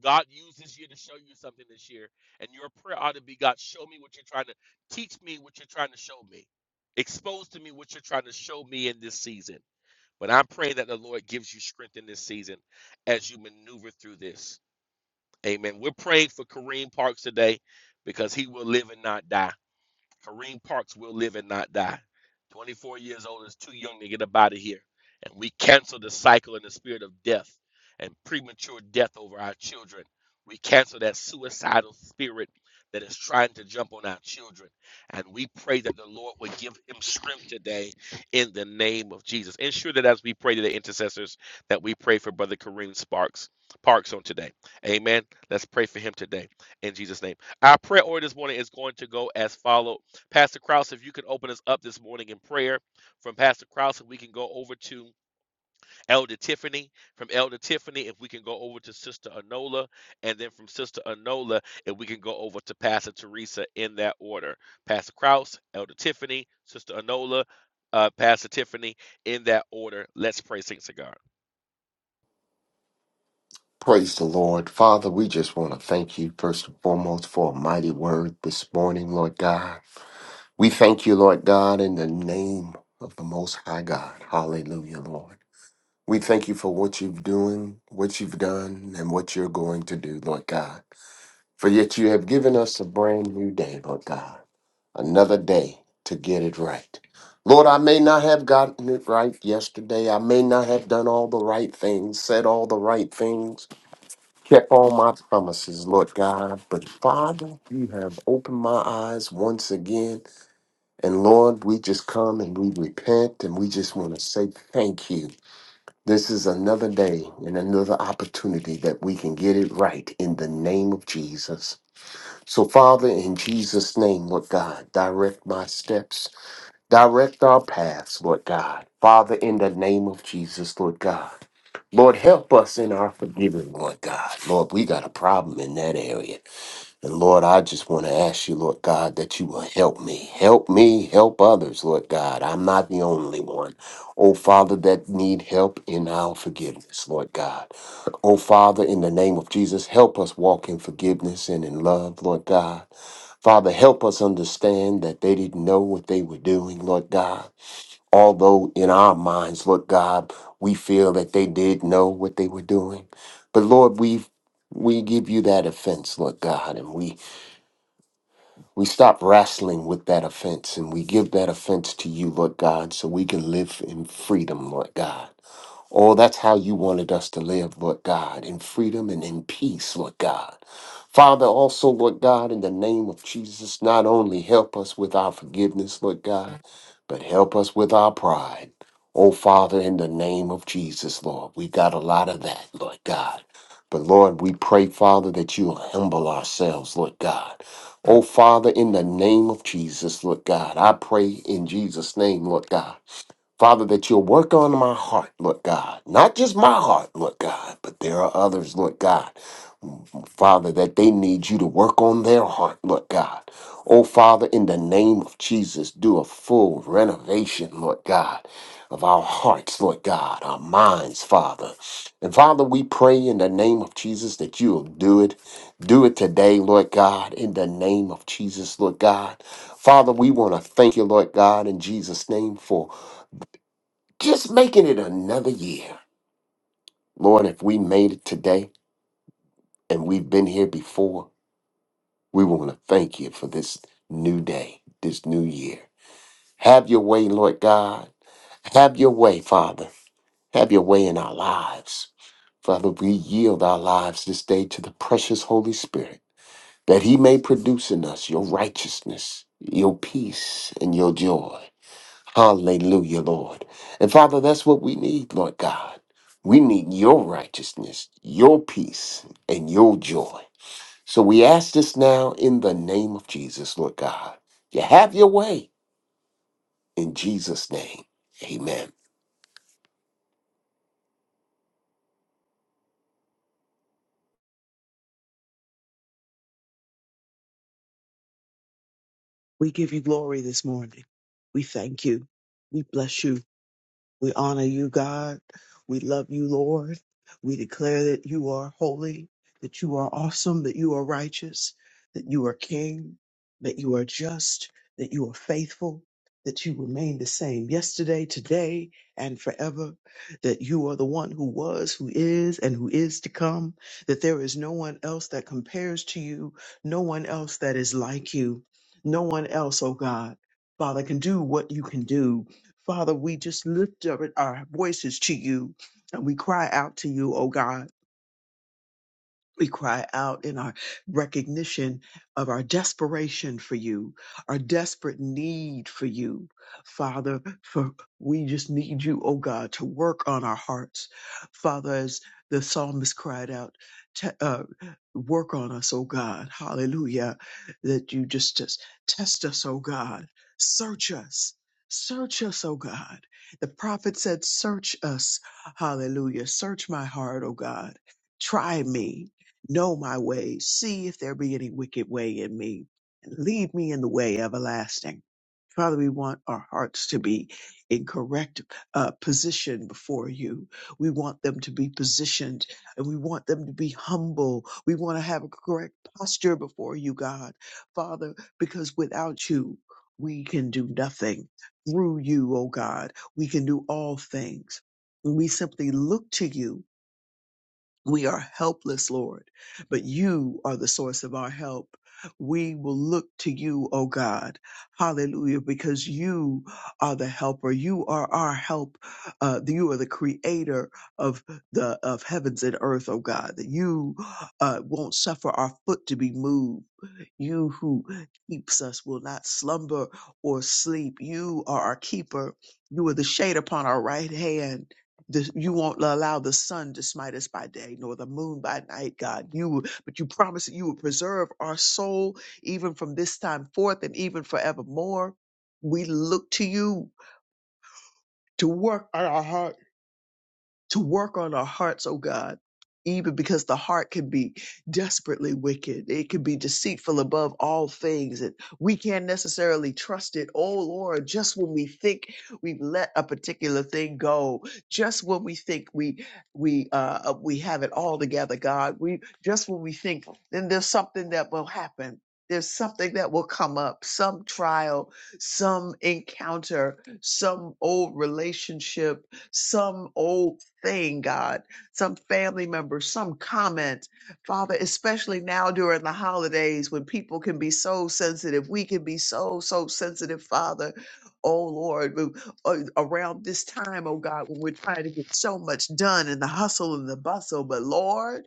Speaker 3: God used this year to show you something this year. And your prayer ought to be God, show me what you're trying to teach me what you're trying to show me. Expose to me what you're trying to show me in this season. But I pray that the Lord gives you strength in this season as you maneuver through this. Amen. We're praying for Kareem Parks today because he will live and not die. Kareem Parks will live and not die. 24 years old is too young to get up out of here. And we cancel the cycle in the spirit of death and premature death over our children. We cancel that suicidal spirit that is trying to jump on our children. And we pray that the Lord would give him strength today in the name of Jesus. Ensure that as we pray to the intercessors, that we pray for Brother Kareem Sparks Parks on today. Amen. Let's pray for him today in Jesus' name. Our prayer order this morning is going to go as follows. Pastor Krause, if you could open us up this morning in prayer from Pastor Krause, we can go over to Elder Tiffany. From Elder Tiffany, if we can go over to Sister Anola, and then from Sister Anola, if we can go over to Pastor Teresa in that order. Pastor Krause, Elder Tiffany, Sister Anola, uh, Pastor Tiffany, in that order. Let's pray, Saint God.
Speaker 5: Praise the Lord. Father, we just want to thank you, first and foremost, for a mighty word this morning, Lord God. We thank you, Lord God, in the name of the Most High God. Hallelujah, Lord. We thank you for what you've doing, what you've done, and what you're going to do, Lord God. For yet you have given us a brand new day, Lord God, another day to get it right. Lord, I may not have gotten it right yesterday. I may not have done all the right things, said all the right things kept all my promises, Lord God. But Father, you have opened my eyes once again. And Lord, we just come and we repent and we just want to say thank you. This is another day and another opportunity that we can get it right in the name of Jesus. So, Father, in Jesus' name, Lord God, direct my steps. Direct our paths, Lord God. Father, in the name of Jesus, Lord God. Lord, help us in our forgiving, Lord God. Lord, we got a problem in that area. And Lord, I just want to ask you, Lord God, that you will help me. Help me, help others, Lord God. I'm not the only one. Oh, Father, that need help in our forgiveness, Lord God. Oh, Father, in the name of Jesus, help us walk in forgiveness and in love, Lord God. Father, help us understand that they didn't know what they were doing, Lord God. Although in our minds, Lord God, we feel that they did know what they were doing. But Lord, we we give you that offense, Lord God, and we we stop wrestling with that offense and we give that offense to you, Lord God, so we can live in freedom, Lord God. Oh, that's how you wanted us to live, Lord God, in freedom and in peace, Lord God. Father, also, Lord God, in the name of Jesus, not only help us with our forgiveness, Lord God, but help us with our pride. Oh, Father, in the name of Jesus, Lord, we got a lot of that, Lord God. But Lord, we pray, Father, that you humble ourselves, Lord God. Oh, Father, in the name of Jesus, Lord God, I pray in Jesus' name, Lord God Father, that you'll work on my heart, Lord God. Not just my heart, Lord God, but there are others, Lord God. Father, that they need you to work on their heart, Lord God. Oh, Father, in the name of Jesus, do a full renovation, Lord God, of our hearts, Lord God, our minds, Father. And Father, we pray in the name of Jesus that you'll do it. Do it today, Lord God, in the name of Jesus, Lord God. Father, we want to thank you, Lord God, in Jesus' name for. Just making it another year. Lord, if we made it today and we've been here before, we want to thank you for this new day, this new year. Have your way, Lord God. Have your way, Father. Have your way in our lives. Father, we yield our lives this day to the precious Holy Spirit that He may produce in us your righteousness, your peace, and your joy. Hallelujah, Lord. And Father, that's what we need, Lord God. We need your righteousness, your peace, and your joy. So we ask this now in the name of Jesus, Lord God. You have your way in Jesus' name. Amen.
Speaker 6: We give you glory this morning. We thank you. We bless you. We honor you, God. We love you, Lord. We declare that you are holy, that you are awesome, that you are righteous, that you are king, that you are just, that you are faithful, that you remain the same yesterday, today, and forever, that you are the one who was, who is, and who is to come, that there is no one else that compares to you, no one else that is like you, no one else, oh God. Father, can do what you can do Father, we just lift up our voices to you and we cry out to you, oh God. We cry out in our recognition of our desperation for you, our desperate need for you, Father. For we just need you, oh God, to work on our hearts, Father. As the psalmist cried out, "Te- uh, "Work on us, oh God, Hallelujah!" That you just just test us, oh God, search us. Search us, oh God. The prophet said, Search us, hallelujah. Search my heart, oh God. Try me, know my ways, see if there be any wicked way in me, and lead me in the way everlasting. Father, we want our hearts to be in correct uh, position before you. We want them to be positioned and we want them to be humble. We want to have a correct posture before you, God. Father, because without you, we can do nothing. Through you, oh God, we can do all things. We simply look to you we are helpless, Lord, but you are the source of our help. We will look to you, O God. Hallelujah, because you are the helper. You are our help. Uh, you are the creator of the of heavens and earth, O God. That you uh, won't suffer our foot to be moved. You who keeps us will not slumber or sleep. You are our keeper. You are the shade upon our right hand the, you won't allow the sun to smite us by day nor the moon by night god you but you promise that you will preserve our soul even from this time forth and even forevermore we look to you to work on our hearts to work on our hearts, oh God. Even because the heart can be desperately wicked. It can be deceitful above all things. And we can't necessarily trust it. Oh Lord, just when we think we've let a particular thing go, just when we think we we uh uh, we have it all together, God, we just when we think then there's something that will happen. There's something that will come up, some trial, some encounter, some old relationship, some old thing, God, some family member, some comment. Father, especially now during the holidays when people can be so sensitive, we can be so, so sensitive, Father. Oh Lord, when- uh, around this time, oh God, when we're trying to get so much done in the hustle and the bustle, but Lord,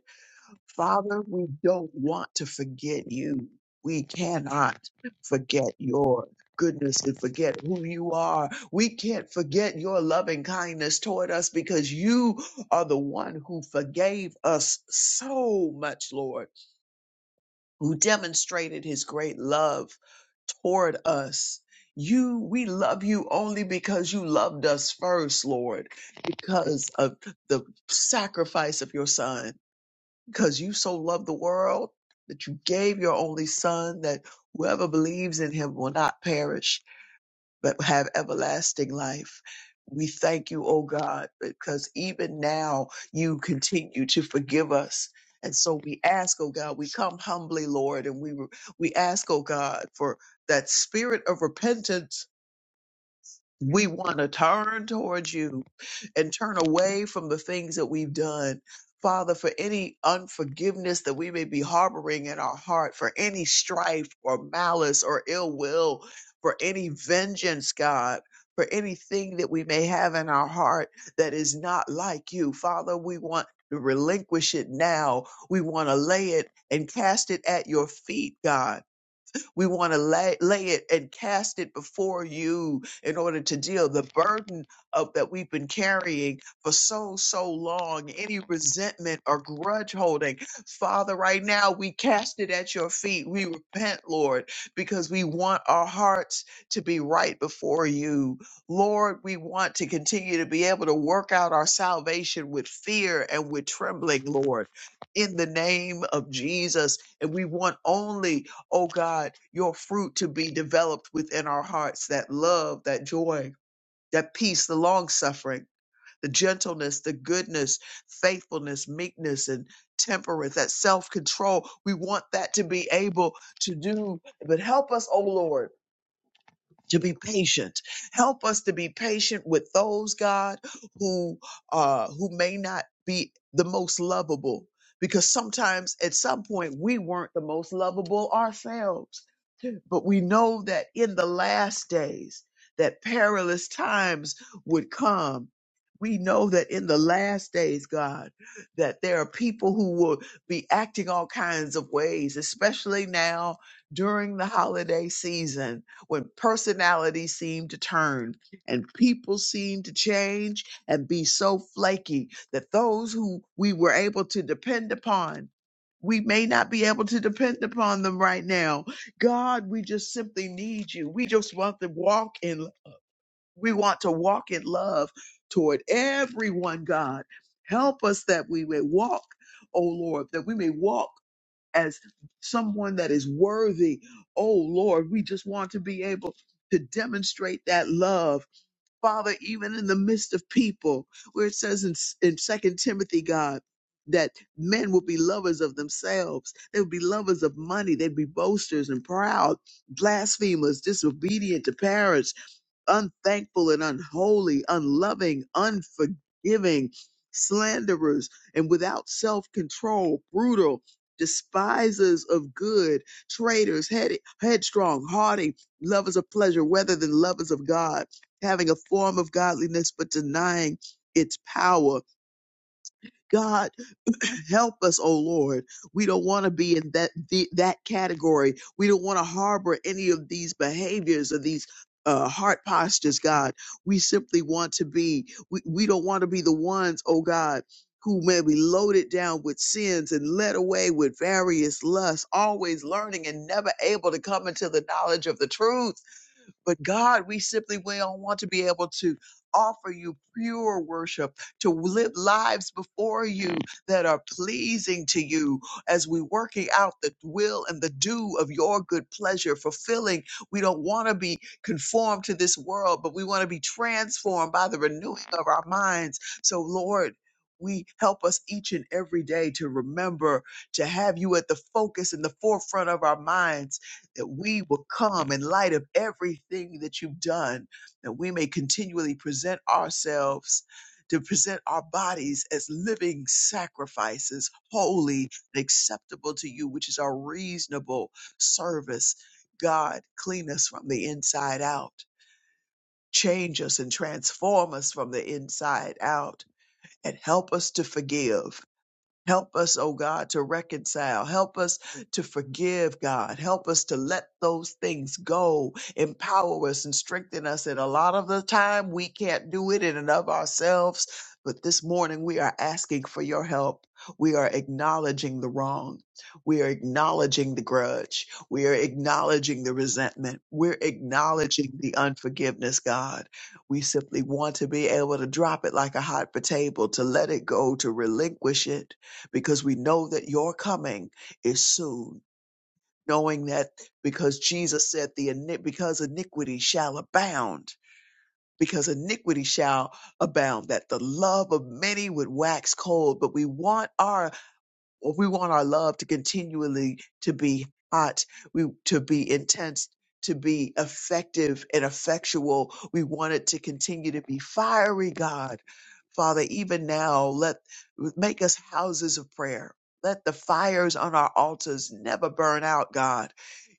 Speaker 6: Father, we don't want to forget you. We cannot forget your goodness and forget who you are. We can't forget your loving kindness toward us because you are the one who forgave us so much, Lord, who demonstrated his great love toward us. You, we love you only because you loved us first, Lord, because of the sacrifice of your son because you so loved the world that you gave your only son that whoever believes in him will not perish but have everlasting life. We thank you, O God, because even now you continue to forgive us. And so we ask, oh God, we come humbly, Lord, and we we ask, oh God, for that spirit of repentance we want to turn towards you and turn away from the things that we've done. Father, for any unforgiveness that we may be harboring in our heart, for any strife or malice or ill will, for any vengeance, God, for anything that we may have in our heart that is not like you, Father, we want to relinquish it now. We want to lay it and cast it at your feet, God we want to lay, lay it and cast it before you in order to deal the burden of that we've been carrying for so, so long. Any resentment or grudge holding. Father, right now we cast it at your feet. We repent, Lord, because we want our hearts to be right before you. Lord, we want to continue to be able to work out our salvation with fear and with trembling, Lord, in the name of Jesus. And we want only oh God, your fruit to be developed within our hearts that love, that joy, that peace, the long suffering, the gentleness, the goodness, faithfulness, meekness, and temperance, that self control. We want that to be able to do, but help us, oh Lord. To be patient, help us to be patient with those God who uh, who may not be the most lovable, because sometimes at some point we weren't the most lovable ourselves but we know that in the last days, that perilous times would come. We know that in the last days, God, that there are people who will be acting all kinds of ways, especially now during the holiday season when personalities seem to turn and people seem to change and be so flaky that those who we were able to depend upon, we may not be able to depend upon them right now God, we just simply need you. We just want to walk in we want to walk in love toward everyone, God. Help us that we may walk, oh Lord, that we may walk as someone that is worthy. Oh Lord, we just want to be able to demonstrate that love Father, even in the midst of people, where it says in, in 2 Timothy, God, that men will be lovers of themselves. They would be lovers of money. They'd be boasters and proud, blasphemers, disobedient to parents, unthankful and unholy, unloving, unforgiving, slanderers, and without self control, brutal, despisers of good, traitors, head- headstrong, haughty, lovers of pleasure rather than lovers of God, having a form of godliness but denying its power. God help us, oh Lord. We don't want to be in that the, that category. We don't want to harbor any of these behaviors or these uh, heart postures, God. We simply want to be. We, we don't want to be the ones, oh God. Who may be loaded down with sins and led away with various lusts, always learning and never able to come into the knowledge of the truth. But God, we simply will want to be able to offer you pure worship, to live lives before you that are pleasing to you as we working out the will and the do of your good pleasure, fulfilling. We don't want to be conformed to this world, but we want to be transformed by the renewing of our minds. So, Lord, we help us each and every day to remember to have you at the focus and the forefront of our minds that we will come in light of everything that you've done, that we may continually present ourselves to present our bodies as living sacrifices, holy and acceptable to you, which is our reasonable service. God, clean us from the inside out, change us and transform us from the inside out, and help us to forgive. Help us, oh God, to reconcile. Help us to forgive, God. Help us to let those things go. Empower us and strengthen us. And a lot of the time, we can't do it in and of ourselves. But this morning, we are asking for your help. We are acknowledging the wrong. We are acknowledging the grudge. We are acknowledging the resentment. We're acknowledging the unforgiveness, God. We simply want to be able to drop it like a hot potato, to let it go, to relinquish it because we know that your coming is soon. Knowing that because Jesus said the ini- because iniquity shall abound, because iniquity shall abound, that the love of many would wax cold. But we want our if we want our love to continually to be hot, we to be intense, to be effective and effectual, we want it to continue to be fiery, God. Father, even now, let make us houses of prayer. Let the fires on our altars never burn out, God.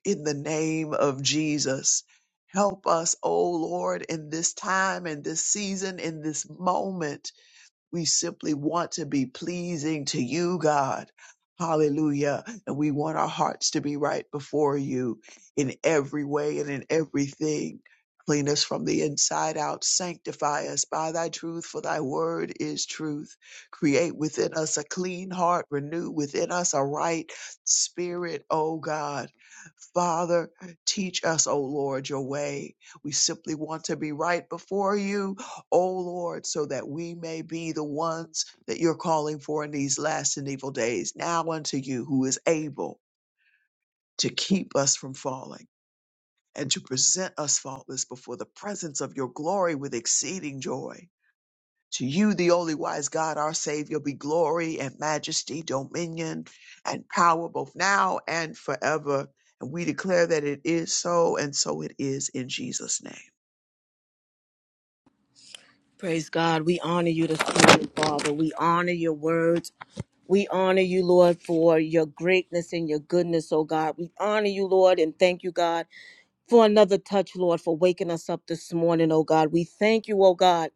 Speaker 6: In the name of Jesus, help us, oh Lord, in this time, in this season, in this moment we simply want to be pleasing to you, God. Hallelujah. And we want our hearts to be right before you in every way and in everything. Clean us from the inside out. Sanctify us by thy truth, for thy word is truth. Create within us a clean heart. Renew within us a right spirit, O God. Father, teach us, O Lord, your way. We simply want to be right before you O Lord, so that we may be the ones that you're calling for in these last and evil days. Now unto you who is able to keep us from falling and to present us faultless before the presence of your glory with exceeding joy. To you, the only wise God, our Savior, be glory and majesty, dominion and power both now and forever. And we declare that it is so, and so it is in Jesus' name.
Speaker 1: Praise God. We honor you this morning, Father. We honor your words. We honor you, Lord, for your greatness and your goodness, oh God. We honor you, Lord, and thank you, God for another touch, Lord, for waking us up this morning, oh God. We thank you, oh God,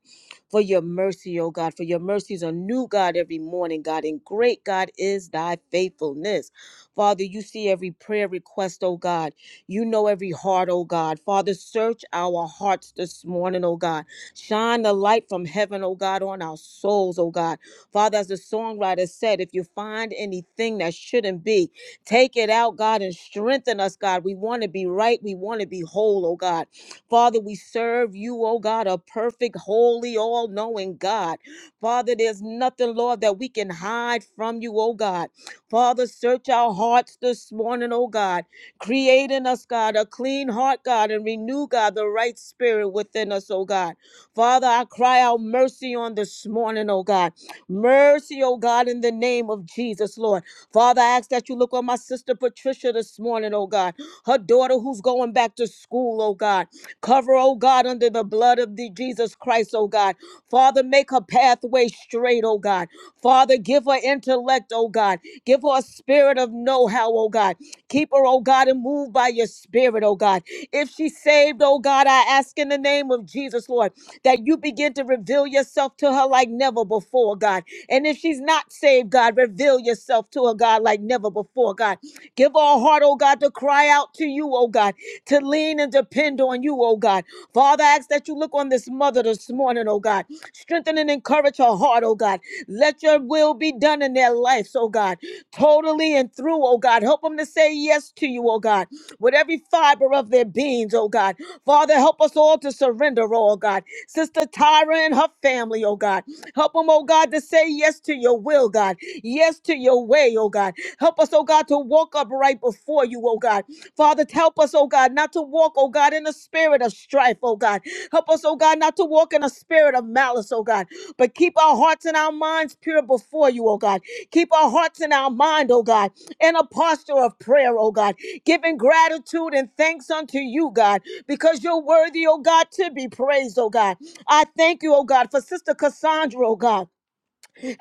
Speaker 1: for your mercy, oh God, for your mercies are new, God, every morning, God. And great, God, is thy faithfulness. Father, you see every prayer request, oh God. You know every heart, oh God. Father, search our hearts this morning, oh God. Shine the light from heaven, oh God, on our souls, oh God. Father, as the songwriter said, if you find anything that shouldn't be, Take it out, God, and strengthen us, God. We want to be right. We want to be whole, oh God. Father, we serve you, oh God, a perfect, holy, all knowing God. Father, there's nothing, Lord, that we can hide from you, oh God. Father, search our hearts this morning, oh God. Create in us, God, a clean heart, God, and renew, God, the right spirit within us, oh God. Father, I cry out mercy on this morning, oh God. Mercy, oh God, in the name of Jesus, Lord. Father, I ask that you look on my sister Patricia this morning, oh God. Her daughter who's going back to school, oh God. Cover, oh God, under the blood of the Jesus Christ, oh God. Father, make her pathway straight, oh God. Father, give her intellect, oh God. Give her a spirit of know-how, oh God. Keep her, oh God, and move by your spirit, oh God. If she's saved, oh God, I ask in the name of Jesus, Lord, that you begin to reveal yourself to her like never before, God and if she's not saved, God, reveal yourself to her, God, like never before, God. Give her a heart, oh God, to cry out to you, oh God, to lean and depend on you, oh God. Father, I ask that you look on this mother this morning, oh God. Strengthen and encourage her heart, oh God. Let your will be done in their lives, oh God. Totally and through, oh God. Help them to say yes to you, oh God, with every fiber of their beings, oh God. Father, help us all to surrender, oh God. Sister Tyra and her family, oh God. Help them, oh God, to say yes to your will, God. Yes to your way, oh God. Help us, oh God, to walk upright before you, oh God. Father, help us, oh God, not to walk, oh God, in a spirit of strife, oh God. Help us, oh God, not to walk in a spirit of malice, oh God. But keep our hearts and our minds pure before you, oh God. Keep our hearts and our mind, oh God, in a posture of prayer, oh God, giving gratitude and thanks unto you, God, because you're worthy, oh God, to be praised, oh God. I thank you, oh God, for Sister Cassandra, oh God,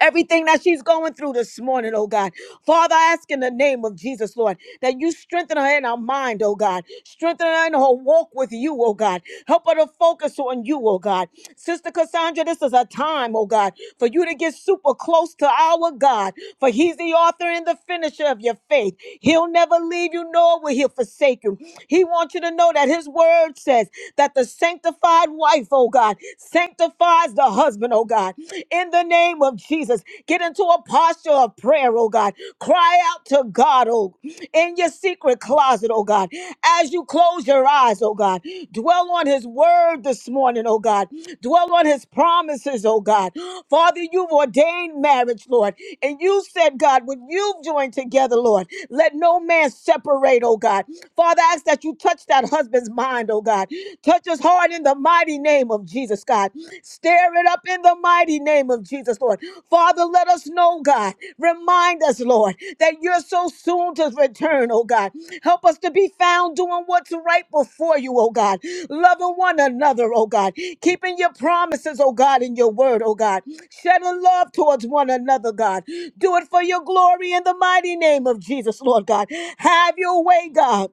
Speaker 1: everything that she's going through this morning, oh God. Father, I ask in the name of Jesus, Lord, that you strengthen her in her mind, oh God. Strengthen her in her walk with you, oh God. Help her to focus on you, oh God. Sister Cassandra, this is a time, oh God, for you to get super close to our God, for he's the author and the finisher of your faith. He'll never leave you, nor will he forsake you. He wants you to know that his word says, that the sanctified wife, oh God, sanctifies the husband, oh God. In the name of Jesus, get into a posture of prayer, oh God. Cry out to God, oh, in your secret closet, oh God. As you close your eyes, oh God, dwell on his word this morning, oh God. Dwell on his promises, oh God. Father, you've ordained marriage, Lord. And you said, God, when you've joined together, Lord, let no man separate, oh God. Father, I ask that you touch that God, husband's mind, oh God. Touch his heart in the mighty name of Jesus, God. Stir it up in the mighty name of Jesus, Lord. Father, let us know, God. Remind us, Lord, that you're so soon to return, oh God. Help us to be found doing what's right before you, oh God. Loving one another, oh God. Keeping your promises, oh God, in your word, oh God. Shedding love towards one another, God. Do it for your glory in the mighty name of Jesus, Lord God. Have your way, God.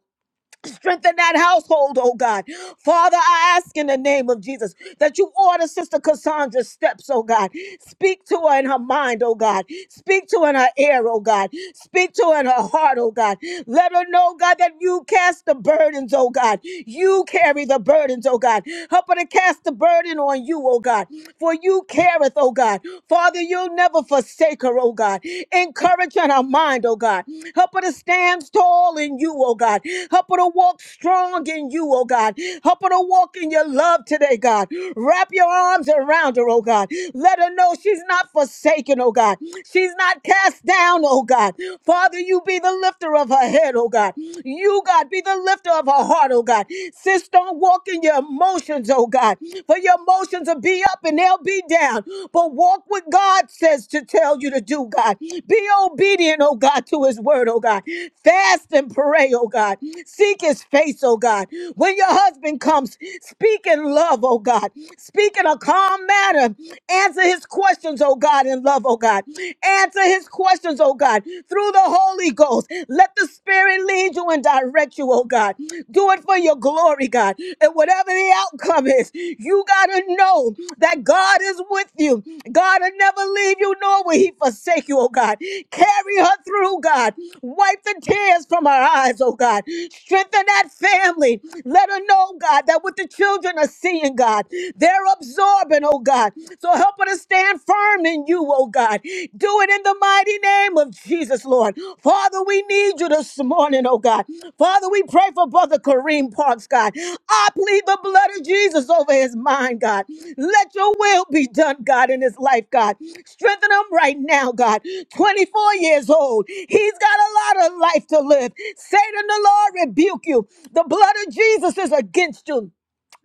Speaker 1: Strengthen that household, oh God. Father, I ask in the name of Jesus that you order Sister Cassandra's steps, oh God. Speak to her in her mind, oh God. Speak to her in her ear, oh God. Speak to her in her heart, oh God. Let her know, God, that you cast the burdens, oh God. You carry the burdens, oh God. Help her to cast the burden on you, oh God. For you careth, oh God. Father, you'll never forsake her, oh God. God. Encourage in her mind, oh God. Help her to stand tall in you, oh God. Help her to walk strong in you, oh God. Help her to walk in your love today, God. Wrap your arms around her, oh God. Let her know she's not forsaken, oh God. She's not cast down, oh God. Father, you be the lifter of her head, oh God. You, God, be the lifter of her heart, oh God. Sis, don't walk in your emotions, oh God. For your emotions will be up and they'll be down. But walk what God says to tell you to do, God. Be obedient, oh God, to his word, oh God. Fast and pray, oh God. Seek his face, oh God. When your husband comes, speak in love, oh God. Speak in a calm manner. Answer his questions, oh God, in love, oh God. Answer his questions, oh God, through the Holy Ghost. Let the Spirit and lead you and direct you, oh God. Do it for your glory, God. And whatever the outcome is, you got to know that God is with you. God will never leave you, nor will he forsake you, oh God. Carry her through, God. Wipe the tears from her eyes, oh God. Strengthen that family. Let her know, God, that what the children are seeing, God, they're absorbing, oh God. So help her to stand firm in you you, oh God. Do it in the mighty name of Jesus, Lord. Father, we need you this morning, oh God. Father, we pray for Brother Kareem Parks, God. I plead the blood of Jesus over his mind, God. Let your will be done, God, in his life, God. Strengthen him right now, God. 24 years old. He's got a lot of life to live. Satan, the Lord, rebuke you. The blood of Jesus is against you.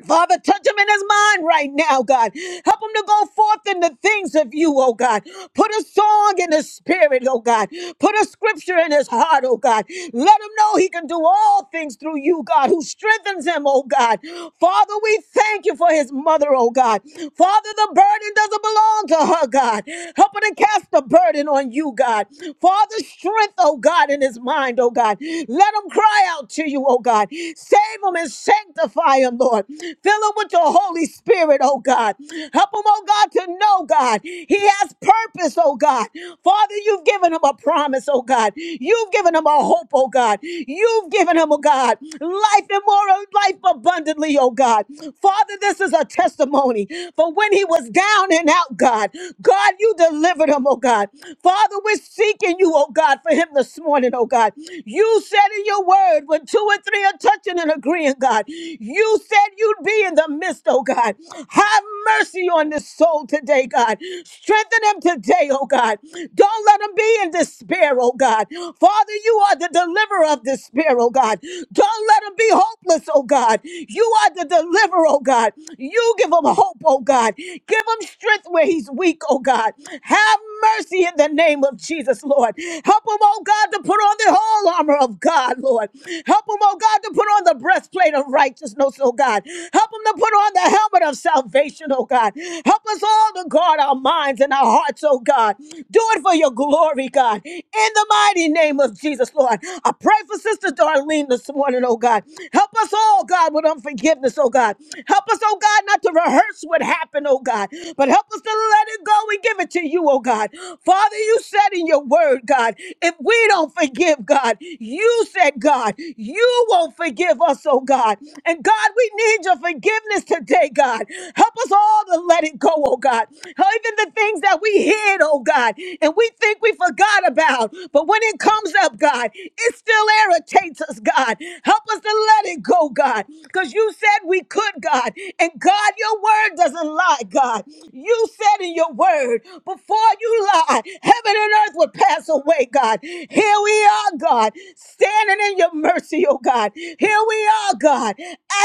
Speaker 1: Father, touch him in his mind right now, God. Help him to go forth in the things of you, oh God. Put a song in his spirit, oh God. Put a scripture in his heart, oh God. Let him know he can do all things through you, God, who strengthens him, oh God. Father, we thank you for his mother, oh God. Father, the burden doesn't belong to her, God. Help her to cast the burden on you, God. Father, strength, oh God, in his mind, oh God. Let him cry out to you, oh God. Save him and sanctify him, Lord. Fill them with your Holy Spirit, oh God. Help them, oh God, to know, God. He has purpose, oh God. Father, you've given him a promise, oh God. You've given him a hope, oh God. You've given him, oh God, life and more life abundantly, oh God. Father, this is a testimony for when he was down and out, God. God, you delivered him, oh God. Father, we're seeking you, oh God, for him this morning, oh God. You said in your word, when two or three are touching and agreeing, God, you said you'd you be in the midst, oh God. Have mercy on this soul today, God. Strengthen him today, oh God. Don't let him be in despair, oh God. Father, you are the deliverer of despair, oh God. Don't let him be hopeless, oh God. You are the deliverer, oh God. You give him hope, oh God. Give him strength where he's weak, oh God. Have mercy in the name of Jesus, Lord. Help them, oh God, to put on the whole armor of God, Lord. Help them, oh God, to put on the breastplate of righteousness, oh God. Help them to put on the helmet of salvation, oh God. Help us all to guard our minds and our hearts, oh God. Do it for your glory, God. In the mighty name of Jesus, Lord. I pray for Sister Darlene this morning, oh God. Help us all, God filled with unforgiveness, oh God. Help us, oh God, not to rehearse what happened, oh God, but help us to let it go and give it to you, oh God. Father, you said in your word, God, if we don't forgive, God, you said, God, you won't forgive us, oh God. And God, we need your forgiveness today, God. Help us all to let it go, oh God. Even the things that we hid, oh God, and we think think we forgot about. But when it comes up, God, it still irritates us, God. Help us to let it go, God, because you said we could, God. And God, your word doesn't lie, God. You said in your word, before you lie, heaven and earth would pass away, God. Here we are, God, standing in your mercy, oh God. Here we are, God,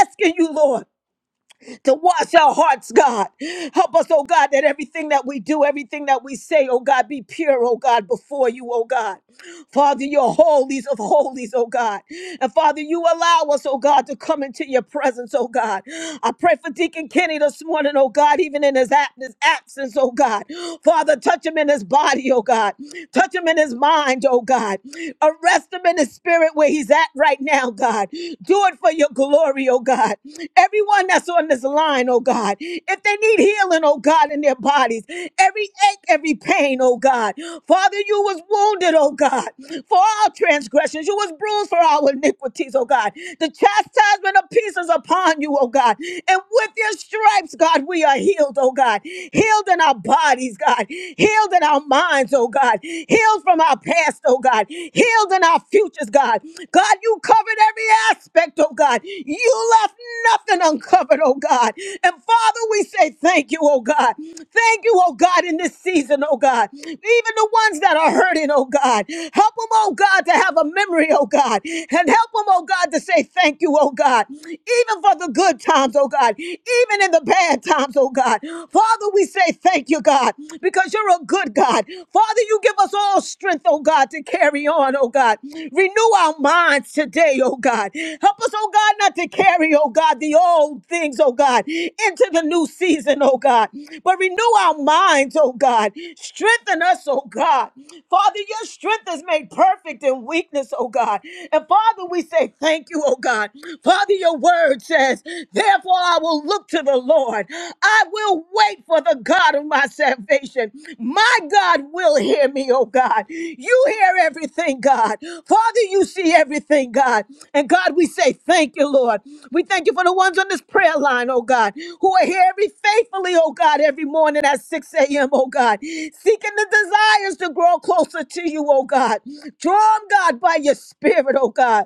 Speaker 1: asking you, Lord to wash our hearts, God. Help us, oh God, that everything that we do, everything that we say, oh God, be pure, oh God, before you, oh God. Father, you're holies of holies, oh God. And Father, you allow us, oh God, to come into your presence, oh God. I pray for Deacon Kenny this morning, oh God, even in his, ab- his absence, oh God. Father, touch him in his body, oh God. Touch him in his mind, oh God. Arrest him in his spirit where he's at right now, God. Do it for your glory, oh God. Everyone that's on this line, oh God, if they need healing, oh God, in their bodies, every ache, every pain, oh God. Father, you was wounded, oh God, for our transgressions. You was bruised for our iniquities, oh God. The chastisement of peace is upon you, oh God. And with your stripes, God, we are healed, oh God. Healed in our bodies, God. Healed in our minds, oh God. Healed from our past, oh God, healed in our futures, God. God, you covered every aspect, oh God. You left nothing uncovered, oh God. And Father, we say thank you, oh God. Thank you, oh God, in this season, oh God. Even the ones that are hurting, oh God. Help them, oh God, to have a memory, oh God. And help them, oh God, to say thank you, oh God. Even for the good times, oh God. Even in the bad times, oh God. Father, we say thank you thank you, God, because you're a good God. Father, you give us all strength, oh God, to carry on, oh God. Renew our minds today, oh God. Help us, oh God, not to carry, oh God, the old things, oh God, into the new season, oh God. But renew our minds, oh God. Strengthen us, oh God. Father, your strength is made perfect in weakness, oh God. And Father, we say thank you, oh God. Father, your word says, therefore, Therefore, I will look to the Lord. I will wait for the God of my salvation. My God will hear me, oh God. You hear everything, God. Father, you see everything, God. And God, we say thank you, Lord. We thank you for the ones on this prayer line, oh God, who are here every faithfully, oh God, every morning at 6 a.m., oh God, seeking the desires to grow closer to you, oh God. Draw them, God, by your spirit, oh God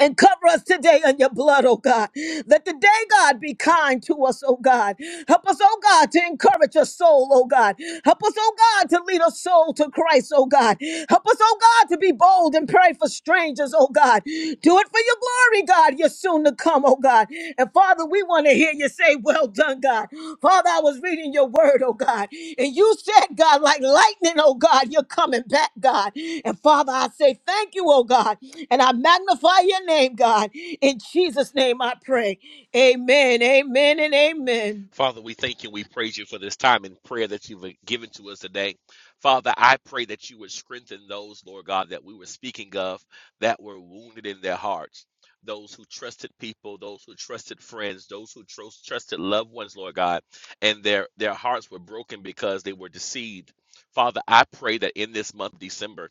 Speaker 1: and cover us today in your blood, oh God. Let the day, God, be kind to us, oh God. Help us, oh God, to encourage a soul, oh God. Help us, oh God, to lead a soul to Christ, oh God. Help us, oh God, to be bold and pray for strangers, oh God. Do it for your glory, God. You're was soon to come, oh God. And Father, we want to hear you say, Well done, God. Father, I was reading your word, oh God. And you said, God, like lightning, oh God, you're coming back, God. And Father, I say thank you, oh God. And I magnify your name, God. In Jesus' name I pray. Amen, amen, and amen.
Speaker 3: Father, we thank you and we praise you for this time in prayer that you've given to us today. Father, I pray that you would strengthen those, Lord God, that we were speaking of that were wounded in their hearts. Those who trusted people, those who trusted friends, those who tros- trusted loved ones, Lord God, and their, their hearts were broken because they were deceived. Father, I pray that in this month, December,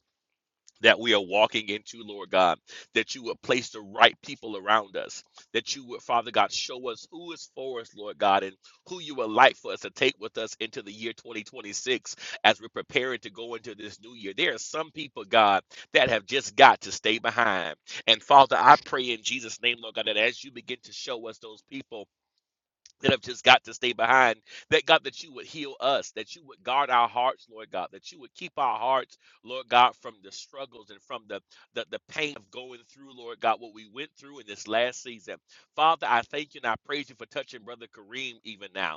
Speaker 3: that we are walking into, Lord God, that you would place the right people around us, that you would, Father God, show us who is for us, Lord God, and who you would like for us to take with us into the year 2026 as we're preparing to go into this new year. There are some people, God, that have just got to stay behind. And Father, I pray in Jesus' name, Lord God, that as you begin to show us those people, that have just got to stay behind. That God, that you would heal us, that you would guard our hearts, Lord God, that you would keep our hearts, Lord God, from the struggles and from the, the, the pain of going through, Lord God, what we went through in this last season. Father, I thank you and I praise you for touching Brother Kareem even now.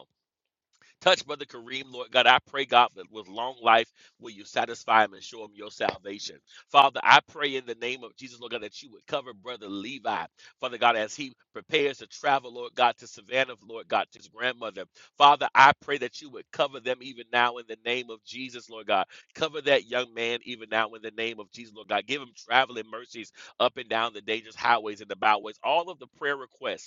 Speaker 3: Touch Brother Kareem, Lord God. I pray, God, that with long life will you satisfy him and show him your salvation. Father, I pray in the name of Jesus, Lord God, that you would cover Brother Levi, Father God, as he prepares to travel, Lord God, to Savannah, Lord God, to his grandmother. Father, I pray that you would cover them even now in the name of Jesus, Lord God. Cover that young man even now in the name of Jesus, Lord God. Give him traveling mercies up and down the dangerous highways and the byways. All of the prayer requests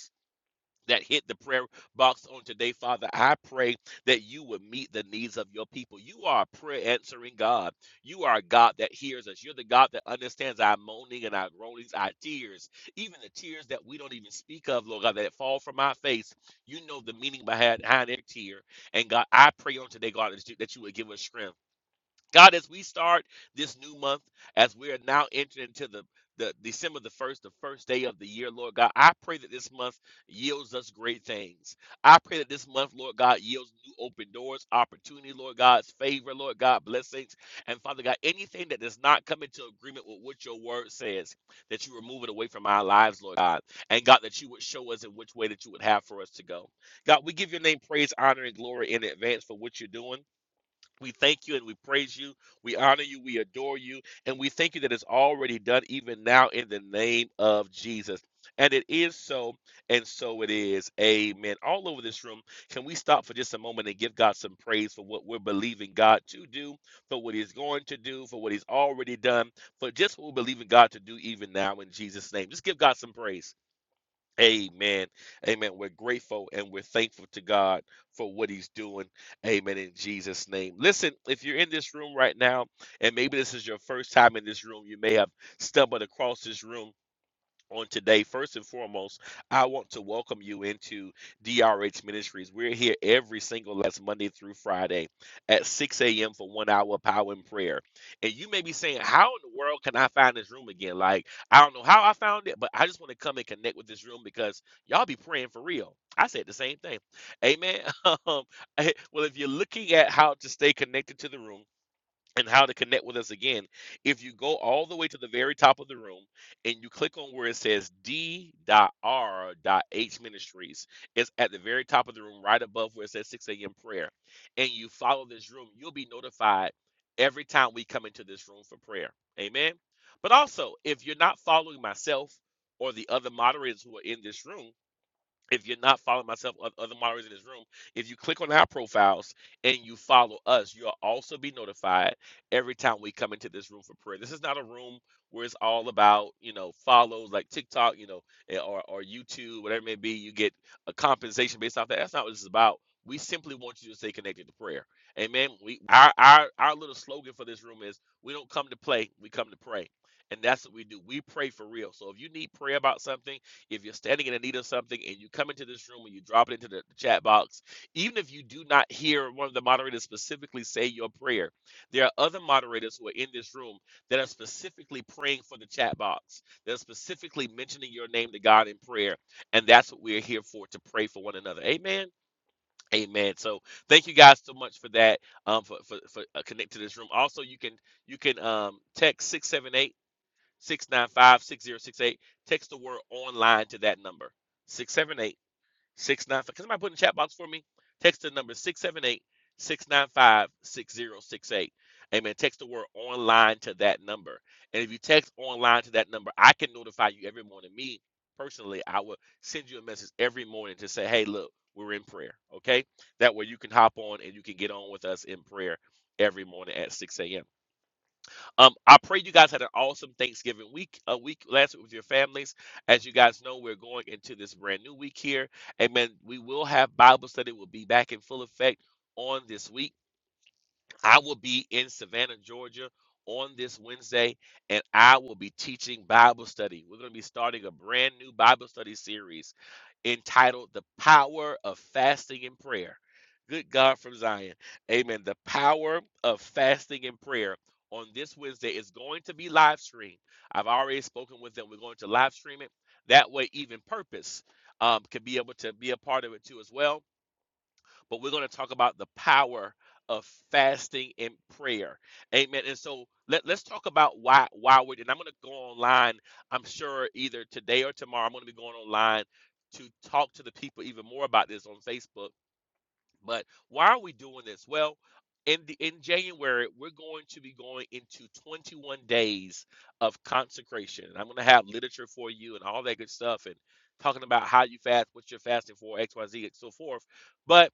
Speaker 3: that hit the prayer box on today, Father. I pray that you would meet the needs of your people. You are a prayer answering God. You are a God that hears us. You're the God that understands our moaning and our groanings, our tears, even the tears that we don't even speak of, Lord God, that fall from our face. You know the meaning behind behind every tear. And God, I pray on today, God, that you would give us strength. God, as we start this new month, as we are now entering into the the December the first, the first day of the year, Lord God, I pray that this month yields us great things. I pray that this month, Lord God, yields new open doors, opportunity, Lord God's favor, Lord God, blessings, and Father God, anything that does not come into agreement with what Your Word says, that You remove it away from our lives, Lord God, and God, that You would show us in which way that You would have for us to go. God, we name praise, honor, and glory in advance for one. We thank You and we praise You. We adore you. And we thank you that it's already done, even now, in the name of Jesus. And it is so, and so it is. Amen. All over this room, can we stop for just a moment and give God some praise for what we're believing God to do, for what He's going to do, for what He's already done, for just what we are believing God to do, even now, in Jesus' name? Just give God some praise. Amen. Amen. We're grateful and we're thankful to God for what He's doing. Amen. In Jesus' name. Listen, if you're in this room right now, and maybe this is your first time in this room, you may have stumbled across this room on today. First and foremost, I want to welcome you into DRH Ministries. We're here every single last Monday through Friday at 6 a.m. for one hour of power and prayer. And you may be saying, How in the world can I find this room again? Like, I don't know how I found it, but I just want to come and connect with this room because y'all be praying for real. I said the same thing. Amen. well, if you're looking at how to stay connected to the room, and how to connect with us again. If you go all the way to the very top of the room and you click on where it says D.R.H Ministries, it's at the very top of the room, right above where it says 6 a.m. prayer, and you follow this room, you'll be notified every time we come into this room for prayer. Amen. But also, if you're not following myself or the other moderators who are in this room, if you're not following myself or other moderators in this room, if you click on our profiles and you follow us, you'll also be notified every time we come into this room for prayer. This is not a room where it's all about, you know, follows like TikTok, you know, eh, or, or YouTube, whatever it may be, you get a compensation based off that. That's not what this is about. We simply want you to stay connected to prayer. Amen. We our our, our little slogan for this room is we don't play, we come to pray. And that's what we do. We pray for real. So if you need something, if you're standing in the need of something and you come into this room and you drop it into the chat box, even if you do not hear one of the moderators specifically say your prayer, there are other moderators who are in this room that are specifically praying for the chat box, that are specifically mentioning your name to God in prayer. And that's what we're here for to pray for one another. Amen. Amen. So thank you guys so much for that. Um, for for, for uh, connect to this room. Also, you can you can um text 678 695 6068. Text the word online to that number Six seven eight six nine. Put in the chat box for me. Text the number 678 695 6068. Amen. Text the word online to that number. And if you text online to that number, I can notify you every morning. Me personally, I will send you a message every morning to say, hey, look, we're in prayer. Okay. That way you can hop on and you can get on with us in prayer every morning at 6 a.m. Um, I pray you guys had an awesome Thanksgiving week, a week last week with your families. As you guys know, we're going into this brand new week here. Amen. We will have Bible study. We'll be back in full effect on this week. I will be in Savannah, Georgia on this Wednesday, and I will be teaching Bible study. We're going to be starting a brand new Bible study series entitled The Power of Fasting and Prayer. Good God from Zion. Amen. The power of fasting and prayer on this Wednesday is going to be live streamed. I've already spoken with them. We're going to live stream it. That way, even purpose um, can be able to be a part of it too as well. But we're going to talk about the power of fasting and prayer. Amen. And so let, let's talk about why why we're and I'm going to go online. I'm sure either today or tomorrow I'm going to be going online to talk to the people even more about this on Facebook but why are we doing this? Well, in the, in January, we're going to be going into 21 days of consecration. And I'm going to have literature for you and all that good stuff and talking about how you fast, what you're fasting for, X, Y, Z, and so forth. But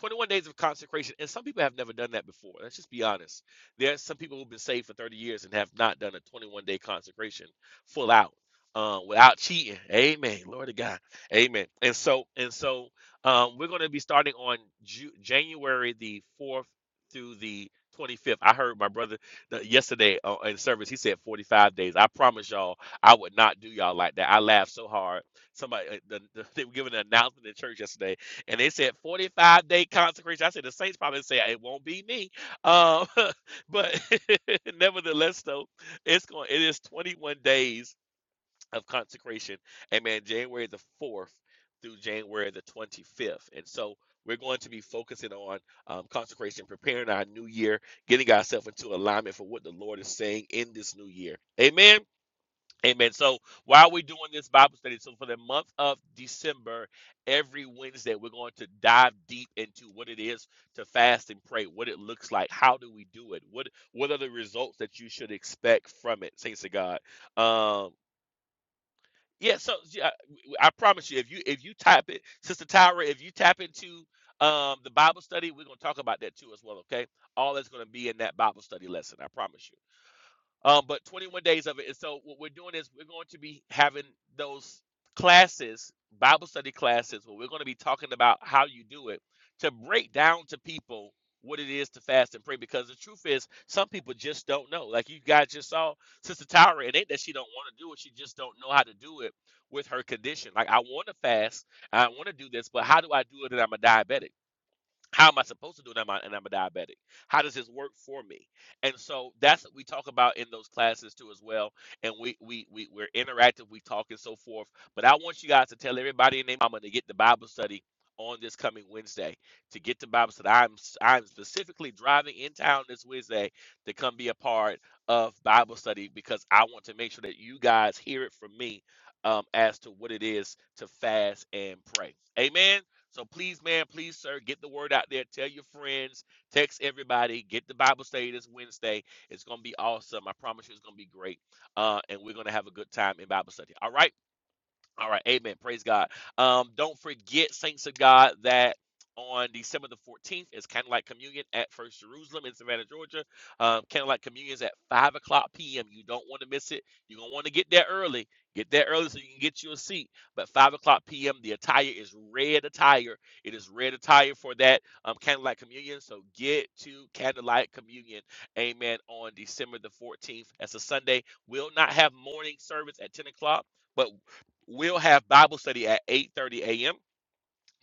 Speaker 3: 21 days of consecration, and some people have never done that before. Let's just be honest. There are some people who've been saved for 30 years and have not done a 21 day consecration full out, uh, without cheating. Amen. Lord of God. Amen. And so, and so um, we're going to be starting on Ju- January the 4th through the 25th. I heard my brother the, yesterday uh, in service, he said 45 days. I promise y'all, I would not do y'all like that. I laughed so hard. Somebody, uh, the, the, they were giving an announcement in church yesterday, and they said 45 day consecration. I said, the saints probably say, it won't be me. Um, but nevertheless, though, it's going, it is 21 days of consecration. Amen. January the 4th through January the 25th. And so we're going to be focusing on um, consecration, preparing our new year, getting ourselves into alignment for what the Lord is saying in this new year. Amen. Amen. So while we're doing this Bible study, so for the month of December, every Wednesday, we're going to dive deep into what it is to fast and pray, what it looks like, how do we do it, what what are the results that you should expect from it, saints of God. Um, yeah, so yeah, I promise you, if you if you type it, Sister Tyra, if you tap into um the Bible study, we're gonna talk about that too as well. Okay, all that's gonna be in that Bible study lesson. I promise you. Um, but 21 days of it. And so what we're doing is we're going to be having those classes, Bible study classes, where we're going to be talking about how you do it to break down to people what it is to fast and pray. Because the truth is, some people just don't know. Like you guys just saw Sister Tyra, it ain't that she don't want to do it; she just don't know how to do it with her condition. Like I want to fast, I want to do this, but how do I do it? And I'm a diabetic. How am I supposed to do it? And I'm, a- and I'm a diabetic. How does this work for me? And so that's what we talk about in those classes too, as well. And we we we we're interactive. We talk and so forth. But I want you guys to tell everybody in their mama to get the Bible study on this coming Wednesday. To get the Bible study, I'm i I'm specifically driving in town this Wednesday to come be a part of Bible study because I want to make sure that you guys hear it from me um, as to what it is to fast and pray. Amen. So please, man, please, sir, get the word out there. Tell your friends, text everybody, get the Bible study this Wednesday. It's gonna be awesome. I promise you it's gonna be great. Uh, and we're gonna have a good time in Bible study. All right. All right, amen. Praise God. Um, don't forget, saints of God, that on December the 14th is Candlelight Communion at First Jerusalem in Savannah, Georgia. Um, Candlelight Communion is at 5 o'clock p.m. You don't want to miss it. You're going to want to get there early. Get there early so you can get you a seat. But 5 o'clock p.m., the attire is red attire. It is red attire for that um, Candlelight Communion. So get to Candlelight Communion, amen, on December the 14th. That's a Sunday. We'll not have morning service at 10 o'clock. But We'll have Bible study at 8:30 a.m.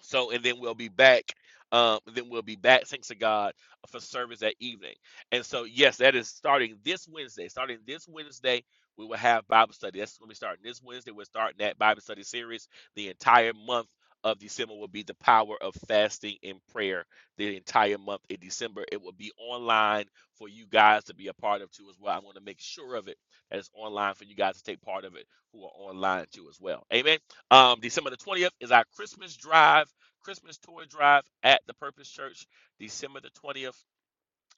Speaker 3: So and then we'll be back. Um, then we'll be back, thanks to God, for service that evening. And so, yes, that is starting this Wednesday. Starting this Wednesday, we will have Bible study. That's going to be starting this Wednesday. We're starting that Bible study series. The entire month of December will be the power of fasting and prayer. The entire month in December, it will be online for you guys to be a part of too as well. I want to make sure of it that it's online for you guys to take part of it who are online too as well. Amen. Um, December the twentieth is our Christmas drive Christmas toy drive at the Purpose Church, December the 20th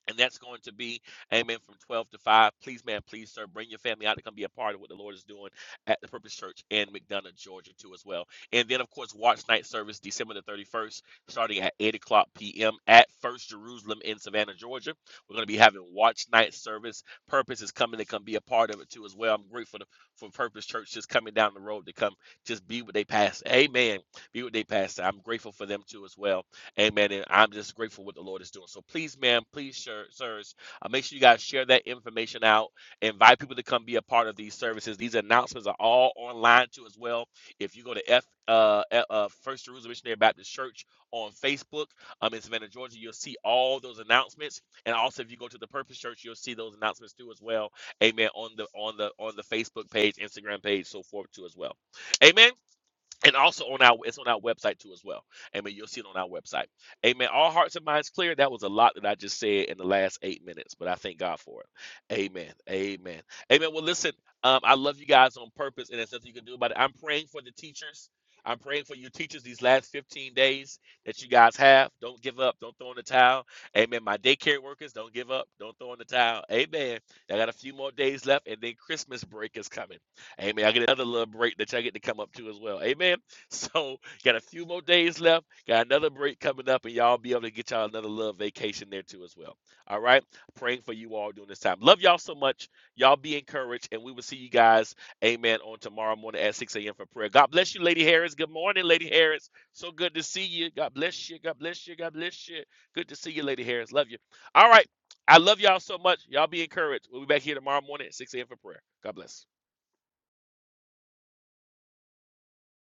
Speaker 3: and that's going to be, amen, from 12 to 5. Please, man, please, sir, bring your family out to come be a part of what the Lord is doing at the Purpose Church in McDonough, Georgia, too, as well. And then, of course, watch night service December the 31st, starting at 8 o'clock p.m. at First Jerusalem in Savannah, Georgia. We're going to be having watch night service. Purpose is coming to come be a part of it, too, as well. I'm grateful to, for Purpose Church just coming down the road to come just be what they pass. Amen. Be what they pass. I'm grateful for them, too, as well. Amen. And I'm just grateful what the Lord is doing. So please, ma'am, please, sir, sirs, uh, make sure you guys share that information out. Invite people to come be a part of these services. These announcements are all online too as well. If you go to F uh, uh First Jerusalem Missionary Baptist Church on Facebook, um in Savannah, Georgia, you'll see all those announcements. And also if you go to the Purpose Church, you'll see those announcements too as well. Amen. On the on the on the Facebook page, Instagram page, so forth too as well. Amen and also on our it's on our website too as well amen you'll see it on our website amen all hearts and minds clear that was a lot that i just said in the last eight minutes but i thank god for it amen amen amen well listen um, i love you guys on purpose and there's nothing you can do about it i'm praying for the teachers i'm praying for you teachers these last 15 days that you guys have don't give up don't throw in the towel amen my daycare workers don't give up don't throw in the towel amen i got a few more days left and then christmas break is coming Amen. I get another little break that y'all get to come up to as well. Amen. So got a few more days left. Got another break coming up, and y'all be able to get y'all another little vacation there too as well. All right. Praying for you all during this time. Love y'all so much. Y'all be encouraged, and we will see you guys. Amen. On tomorrow morning at 6 a.m. for prayer. God bless you, Lady Harris. Good morning, Lady Harris. So good to see you. God bless you. God bless you. God bless you. Good to see you, Lady Harris. Love you. All right. I love y'all so much. Y'all be encouraged. We'll be back here tomorrow morning at 6 a.m. for prayer. God bless.